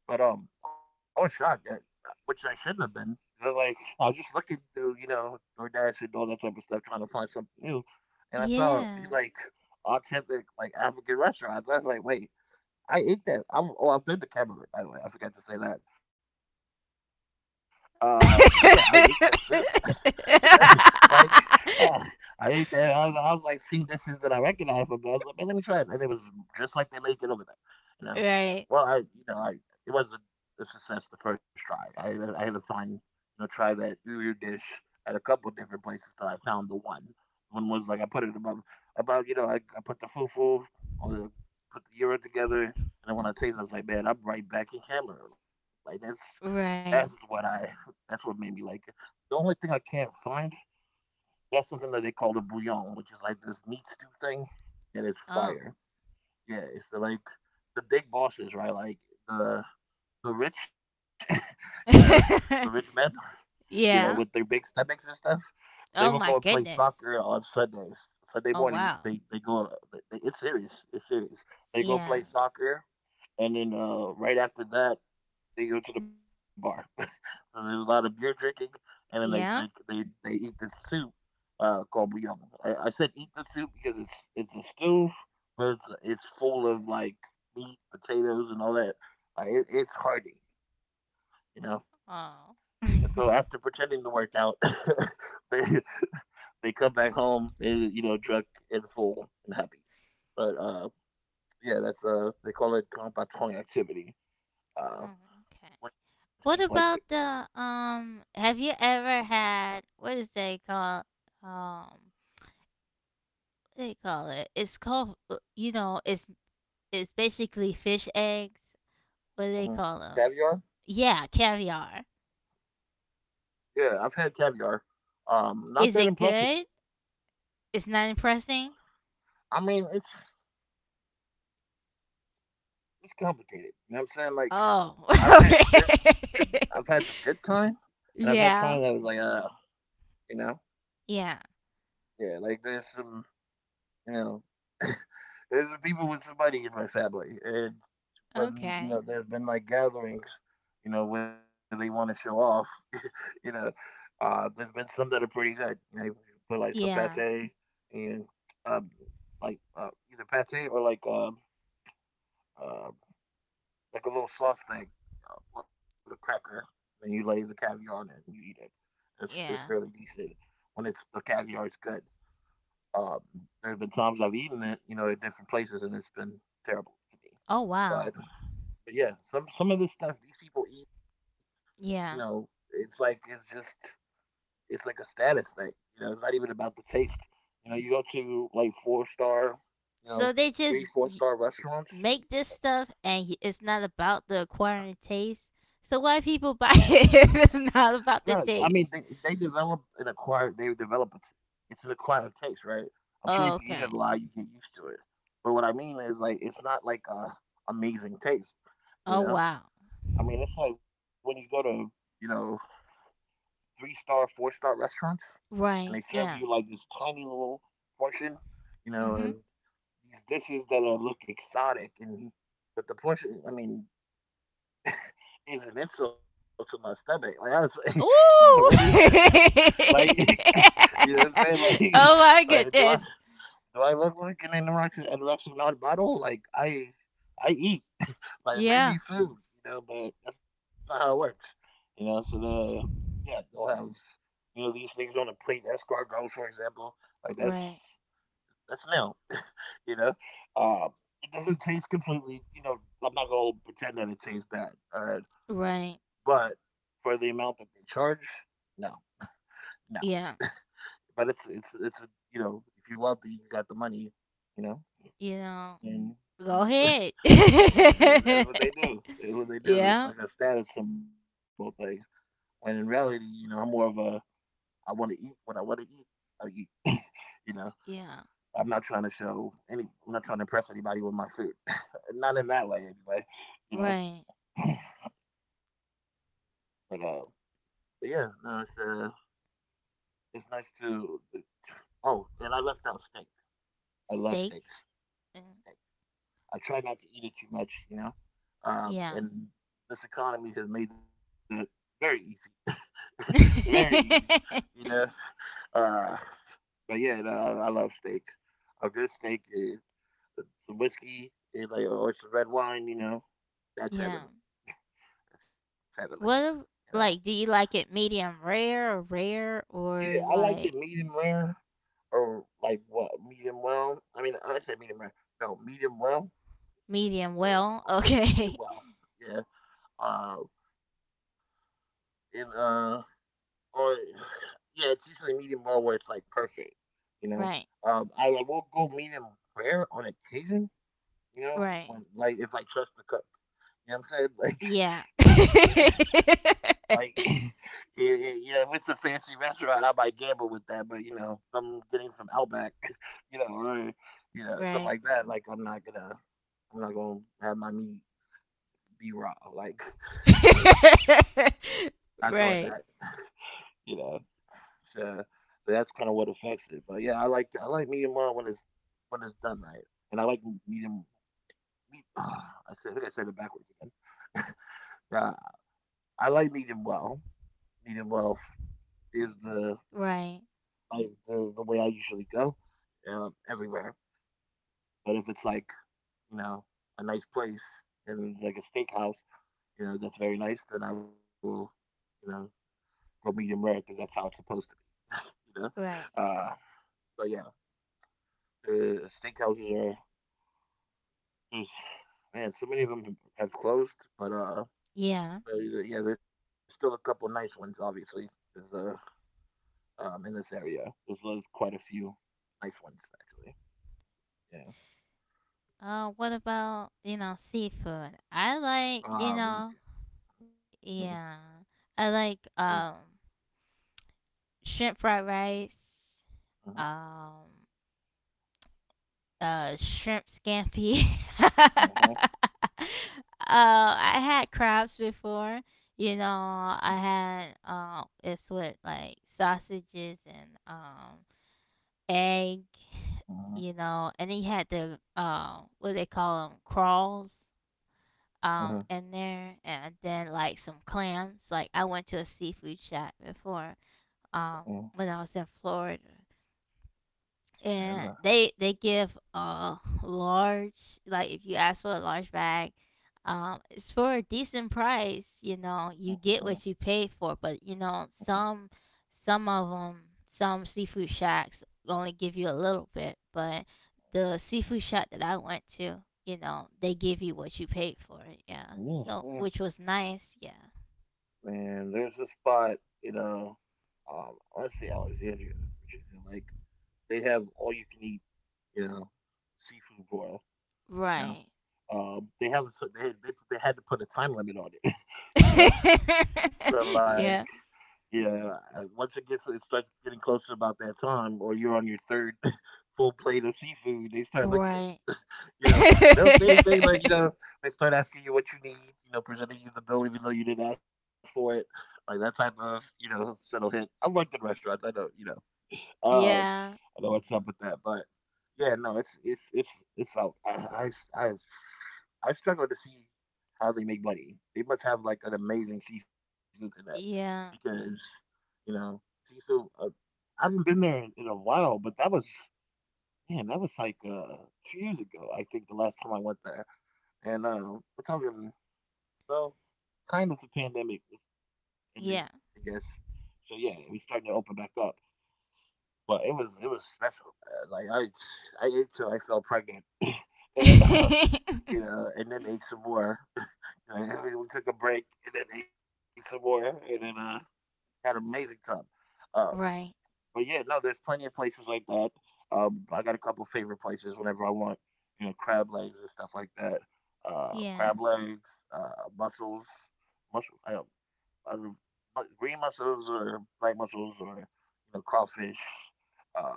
Speaker 2: But, I was shocked that which I shouldn't have been. 'Cause, like, I was just looking through, you know, DoorDash and all that type of stuff, trying to find something new, and I saw,
Speaker 1: Yeah.
Speaker 2: like, authentic, like, African restaurants. I was like, wait, I ate that. Oh, I've been to Cameroon, by the way. I forgot to say that. But yeah, I ate that food, you know? Like, uh, I ate that. I was like, seeing dishes that I recognize from there. I was like, man, let me try it. And it was just like they make it over there, you know?
Speaker 1: right.
Speaker 2: Well, I you know, I it wasn't a success the first try. I had to find, you know, try that earlier dish at a couple different places till I found the one. One was like I put it above about, you know, I put the fufu or the, put the gyro together and then when I tasted, I was like, man, I'm right back in camera. Like
Speaker 1: Right.
Speaker 2: that's what I that's what made me like it. The only thing I can't find, that's something that they call the bouillon, which is like this meat stew thing and it's
Speaker 1: Oh.
Speaker 2: fire. Yeah, it's the, like the big bosses, right? Like the the rich, you know, the rich men, you know, with their big
Speaker 1: yeah.
Speaker 2: stomachs and stuff. They will go and
Speaker 1: Oh
Speaker 2: play
Speaker 1: my
Speaker 2: soccer
Speaker 1: goodness.
Speaker 2: on Sundays, Sunday
Speaker 1: Oh
Speaker 2: mornings.
Speaker 1: wow.
Speaker 2: They go. It's serious. It's serious. They go
Speaker 1: Yeah.
Speaker 2: play soccer, and then right after that, they go to the bar. So there's a lot of beer drinking, and then they drink.
Speaker 1: Yeah.
Speaker 2: They eat this soup called bouillon. I said eat the soup because it's a stew, but it's full of like meat, potatoes, and all that. Like, it's hearty, you know.
Speaker 1: Oh.
Speaker 2: And so after pretending to work out, they they come back home, they, you know, drunk and full and happy. But yeah, that's they call it compagnon activity, uh,
Speaker 1: Oh, okay.
Speaker 2: which means like.
Speaker 1: What about the have you ever had what is they called? Um what they call it? It's called you know it's basically fish eggs. What do they
Speaker 2: Hmm.
Speaker 1: call them?
Speaker 2: Caviar?
Speaker 1: Yeah, caviar.
Speaker 2: Yeah, I've had caviar. Not that impressed
Speaker 1: Is
Speaker 2: with it.
Speaker 1: it good? It's not impressing.
Speaker 2: I mean, it's complicated. You know what I'm saying? Like
Speaker 1: Oh,
Speaker 2: I've had good, I've had the
Speaker 1: okay.
Speaker 2: good kind, and I've had kind that was like,
Speaker 1: yeah,
Speaker 2: you know,
Speaker 1: yeah.
Speaker 2: yeah, like there's some, you know, there's some people with somebody in my family, and when
Speaker 1: Okay.
Speaker 2: there's been like gatherings, where they want to show off. You know, there's been some that are pretty good. You know, you put like some pate
Speaker 1: Yeah,
Speaker 2: and um, like either pate or uh, like a little soft thing on a cracker. Then you lay the caviar on it and you eat it. It's fairly
Speaker 1: yeah.
Speaker 2: decent. When it's the caviar, it's good. Um, there have been times I've eaten it, at different places, and it's been terrible to me.
Speaker 1: Oh
Speaker 2: But
Speaker 1: wow.
Speaker 2: but yeah, some of this stuff these people eat,
Speaker 1: Yeah.
Speaker 2: it's like it's just it's like a status thing. You know, it's not even about the taste. You know, you go to like four star, you know,
Speaker 1: So they
Speaker 2: three
Speaker 1: just
Speaker 2: four star restaurants.
Speaker 1: make this stuff, and it's not about the acquiring taste. So why
Speaker 2: Yeah,
Speaker 1: people buy it if it's
Speaker 2: no,
Speaker 1: not
Speaker 2: I
Speaker 1: about
Speaker 2: mean,
Speaker 1: the
Speaker 2: they
Speaker 1: taste?
Speaker 2: develop an acquired. They develop a t- It's an acquired taste, right? I'm sure if you
Speaker 1: Oh,
Speaker 2: eat it a
Speaker 1: okay.
Speaker 2: lot, you get used to it. But what I mean is, like, it's not like a amazing taste. You
Speaker 1: Oh
Speaker 2: know,
Speaker 1: wow.
Speaker 2: I mean, it's like when you go to you know three star, four-star restaurants, and they serve
Speaker 1: Right.
Speaker 2: you like
Speaker 1: Yeah.
Speaker 2: this tiny little portion,
Speaker 1: Mhm.
Speaker 2: and these dishes that are, look exotic and but the portion I mean is an insult to my stomach. Like I was like, I was
Speaker 1: Ooh.
Speaker 2: like, what is this? Like you know what I'm saying? Like
Speaker 1: oh my
Speaker 2: like do I
Speaker 1: goodness.
Speaker 2: do I look like an anorexic non model? Like I eat. Like bring me
Speaker 1: Yeah.
Speaker 2: food, but that's not how it works. You know, so the yeah, they'll have, these things on the plate, escargot for example. Like that's
Speaker 1: Right.
Speaker 2: that's now. You know, um, it doesn't taste completely. You know, I'm not gonna pretend that it tastes bad. All right,
Speaker 1: Right.
Speaker 2: but for the amount that they charge, no, no.
Speaker 1: Yeah.
Speaker 2: But it's a, if you're wealthy, you got the money. You know,
Speaker 1: You know.
Speaker 2: and
Speaker 1: Go
Speaker 2: mm,
Speaker 1: ahead.
Speaker 2: yeah, that's what they do. That's what they do. It's
Speaker 1: yeah.
Speaker 2: like a status symbol thing. When in reality, I'm more of a, I want to eat what I want to eat. I eat. you know,
Speaker 1: Yeah.
Speaker 2: I'm not trying to show any. I'm not trying to impress anybody with my food. Not in that way, anyway. You know.
Speaker 1: Right.
Speaker 2: but uh, but, yeah, no, it's nice to. Oh, and I left out steak. I love
Speaker 1: Steak.
Speaker 2: steaks.
Speaker 1: Uh,
Speaker 2: Steak. I try not to eat it too much, you know. Uh,
Speaker 1: Yeah.
Speaker 2: and this economy has made that very easy, very easy, you know. Uh, but yeah, no, I love steak. A good steak, some whiskey, and like or some red wine, you know. That's
Speaker 1: yeah.
Speaker 2: heaven. Exactly.
Speaker 1: What
Speaker 2: You
Speaker 1: ab-
Speaker 2: know.
Speaker 1: like do you like it medium rare or rare
Speaker 2: Yeah, I
Speaker 1: or
Speaker 2: like it
Speaker 1: like
Speaker 2: medium rare or like what, medium well. I mean, I said medium rare. No, medium well
Speaker 1: medium well.
Speaker 2: or
Speaker 1: Okay.
Speaker 2: medium well. Yeah. Uh, and Or yeah, it's usually medium well where it's like perfect. You
Speaker 1: right.
Speaker 2: know. I will go medium rare on occasion. You
Speaker 1: Right.
Speaker 2: know, when like if I trust the cook. You know what I'm saying?
Speaker 1: Yeah.
Speaker 2: Like, you know, like, yeah, yeah, yeah, if it's a fancy restaurant, I might gamble with that. But if I'm getting from Outback, or,
Speaker 1: right.
Speaker 2: something like that. Like, I'm not gonna have my meat be raw. Like, not doing that.
Speaker 1: right.
Speaker 2: You know, so, that's kind of what affects it. But yeah, I like medium well when it's done right, and I like medium. I think I said it backwards again. Yeah, I like medium well. Medium well f- is the
Speaker 1: Right.
Speaker 2: like the way I usually go everywhere. But if it's like you know a nice place and like a steakhouse, that's very nice, then I will you know go medium rare because that's how it's supposed to be. you know,
Speaker 1: Right.
Speaker 2: uh, but yeah, the steakhouses are there's, man, so many of them have closed,
Speaker 1: Yeah.
Speaker 2: but, yeah, there's still a couple nice ones, obviously. 'Cause, in this area. There's quite a few nice ones actually. Yeah.
Speaker 1: What about, you know, seafood? I like, you know,
Speaker 2: Me too. Mm,
Speaker 1: yeah. I
Speaker 2: mm,
Speaker 1: like shrimp fried rice.
Speaker 2: mhm,
Speaker 1: Um shrimp scampi. uh,
Speaker 2: mhm,
Speaker 1: I had crabs before. You know, I had it's with like sausages and egg. You
Speaker 2: mhm,
Speaker 1: know, and then you had the what do they call them? Crawls in
Speaker 2: mhm,
Speaker 1: there, and then like some clams. Like I went to a seafood shop before um
Speaker 2: mhm.
Speaker 1: when I was in Florida and
Speaker 2: And
Speaker 1: they give a large like if you ask for a large bag it's for a decent price you know
Speaker 2: mm,
Speaker 1: you get
Speaker 2: mhm,
Speaker 1: what you paid for but you know some of them some seafood shacks only give you a little bit but the seafood shack that I went to you know they give you what you paid for yeah so
Speaker 2: mm,
Speaker 1: which was
Speaker 2: mm.
Speaker 1: nice yeah
Speaker 2: Man, there's a spot in I want to say Alexandria, Virginia. Like they have all you can eat, you know, seafood broil.
Speaker 1: right
Speaker 2: You know. They have, so they had to put a time limit on it. You know. So like,
Speaker 1: yeah
Speaker 2: yeah, once it starts getting closer about that time, or you're on your third full plate of seafood, they start looking at
Speaker 1: right
Speaker 2: you. You know, they don't say anything, but they start asking you what you need. You know, presenting you the bill even though you didn't ask for it, like that type of subtle hint. I worked in restaurants, I know, um,
Speaker 1: Yeah.
Speaker 2: I know what's up with that. But yeah, no, it's out. I I, I struggle to see how they make money. They must have like an amazing seafood connect because
Speaker 1: Yeah.
Speaker 2: you know seafood. I haven't been there in a while, but that was, man, that was like 2 years ago. I think the last time I went there, and we're talking, well, kind of the pandemic was ending, I guess.
Speaker 1: Yeah.
Speaker 2: So yeah, it was starting to open back up, but it was special, man. Like I ate till I felt pregnant. And, and then ate some more. And then we took a break and then ate some more and then had an amazing time. Um,
Speaker 1: right.
Speaker 2: but yeah, no, there's plenty of places like that. I got a couple favorite places whenever I want, you know, crab legs and stuff like that.
Speaker 1: Yeah.
Speaker 2: Crab legs, mussels, mussels, I, I, re- green mussels or black mussels or crawfish.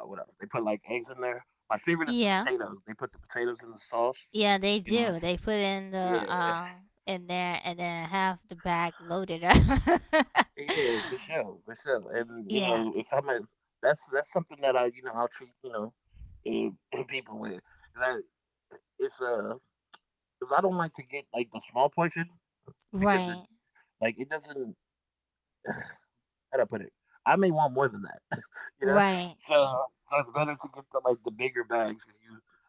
Speaker 2: Whatever they put like eggs in there. My
Speaker 1: Yeah.
Speaker 2: favorite is the potatoes. They put the potatoes in the
Speaker 1: Yeah,
Speaker 2: sauce.
Speaker 1: they do. They
Speaker 2: You
Speaker 1: put
Speaker 2: know,
Speaker 1: in the
Speaker 2: yeah,
Speaker 1: in there and then have the bag loaded up.
Speaker 2: yeah, for sure, for sure. And
Speaker 1: Yeah.
Speaker 2: if I'm a, that's something that I I'll treat and, and people with. 'Cause I, it's 'cause I don't like to get like the small portion because it
Speaker 1: Right.
Speaker 2: like it doesn't. How do I put it? I may want more than that, you know. So,
Speaker 1: Right.
Speaker 2: so, it's better to get the, like, the bigger bags. 'Cause you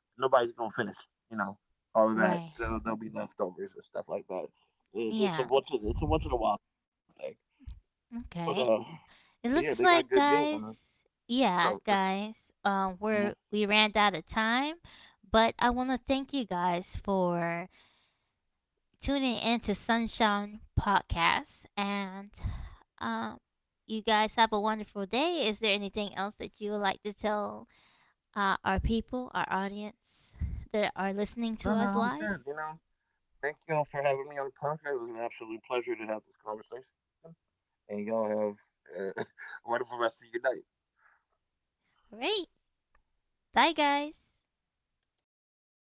Speaker 2: nobody's gonna finish, you know, all of that.
Speaker 1: Right.
Speaker 2: So there'll be leftovers and stuff like that. It's just a
Speaker 1: Yeah.
Speaker 2: once in, it's a once in a while thing. But uh,
Speaker 1: Okay.
Speaker 2: but yeah,
Speaker 1: It
Speaker 2: they got
Speaker 1: looks
Speaker 2: good
Speaker 1: like
Speaker 2: deals on them.
Speaker 1: guys,
Speaker 2: Oh,
Speaker 1: yeah,
Speaker 2: okay.
Speaker 1: guys,
Speaker 2: Mm-hmm.
Speaker 1: we ran out of time, but I want to thank you guys for tuning into Sunshine Podcast. And um, you guys have a wonderful day. Is there anything else that you would like to tell our people, our audience that are
Speaker 2: No,
Speaker 1: listening
Speaker 2: no,
Speaker 1: to
Speaker 2: I'm
Speaker 1: us
Speaker 2: good.
Speaker 1: live?
Speaker 2: You know, thank you all for having me on the podcast. It was an absolute pleasure to have this conversation. And y'all have a wonderful rest of your night.
Speaker 1: All right. Bye, guys.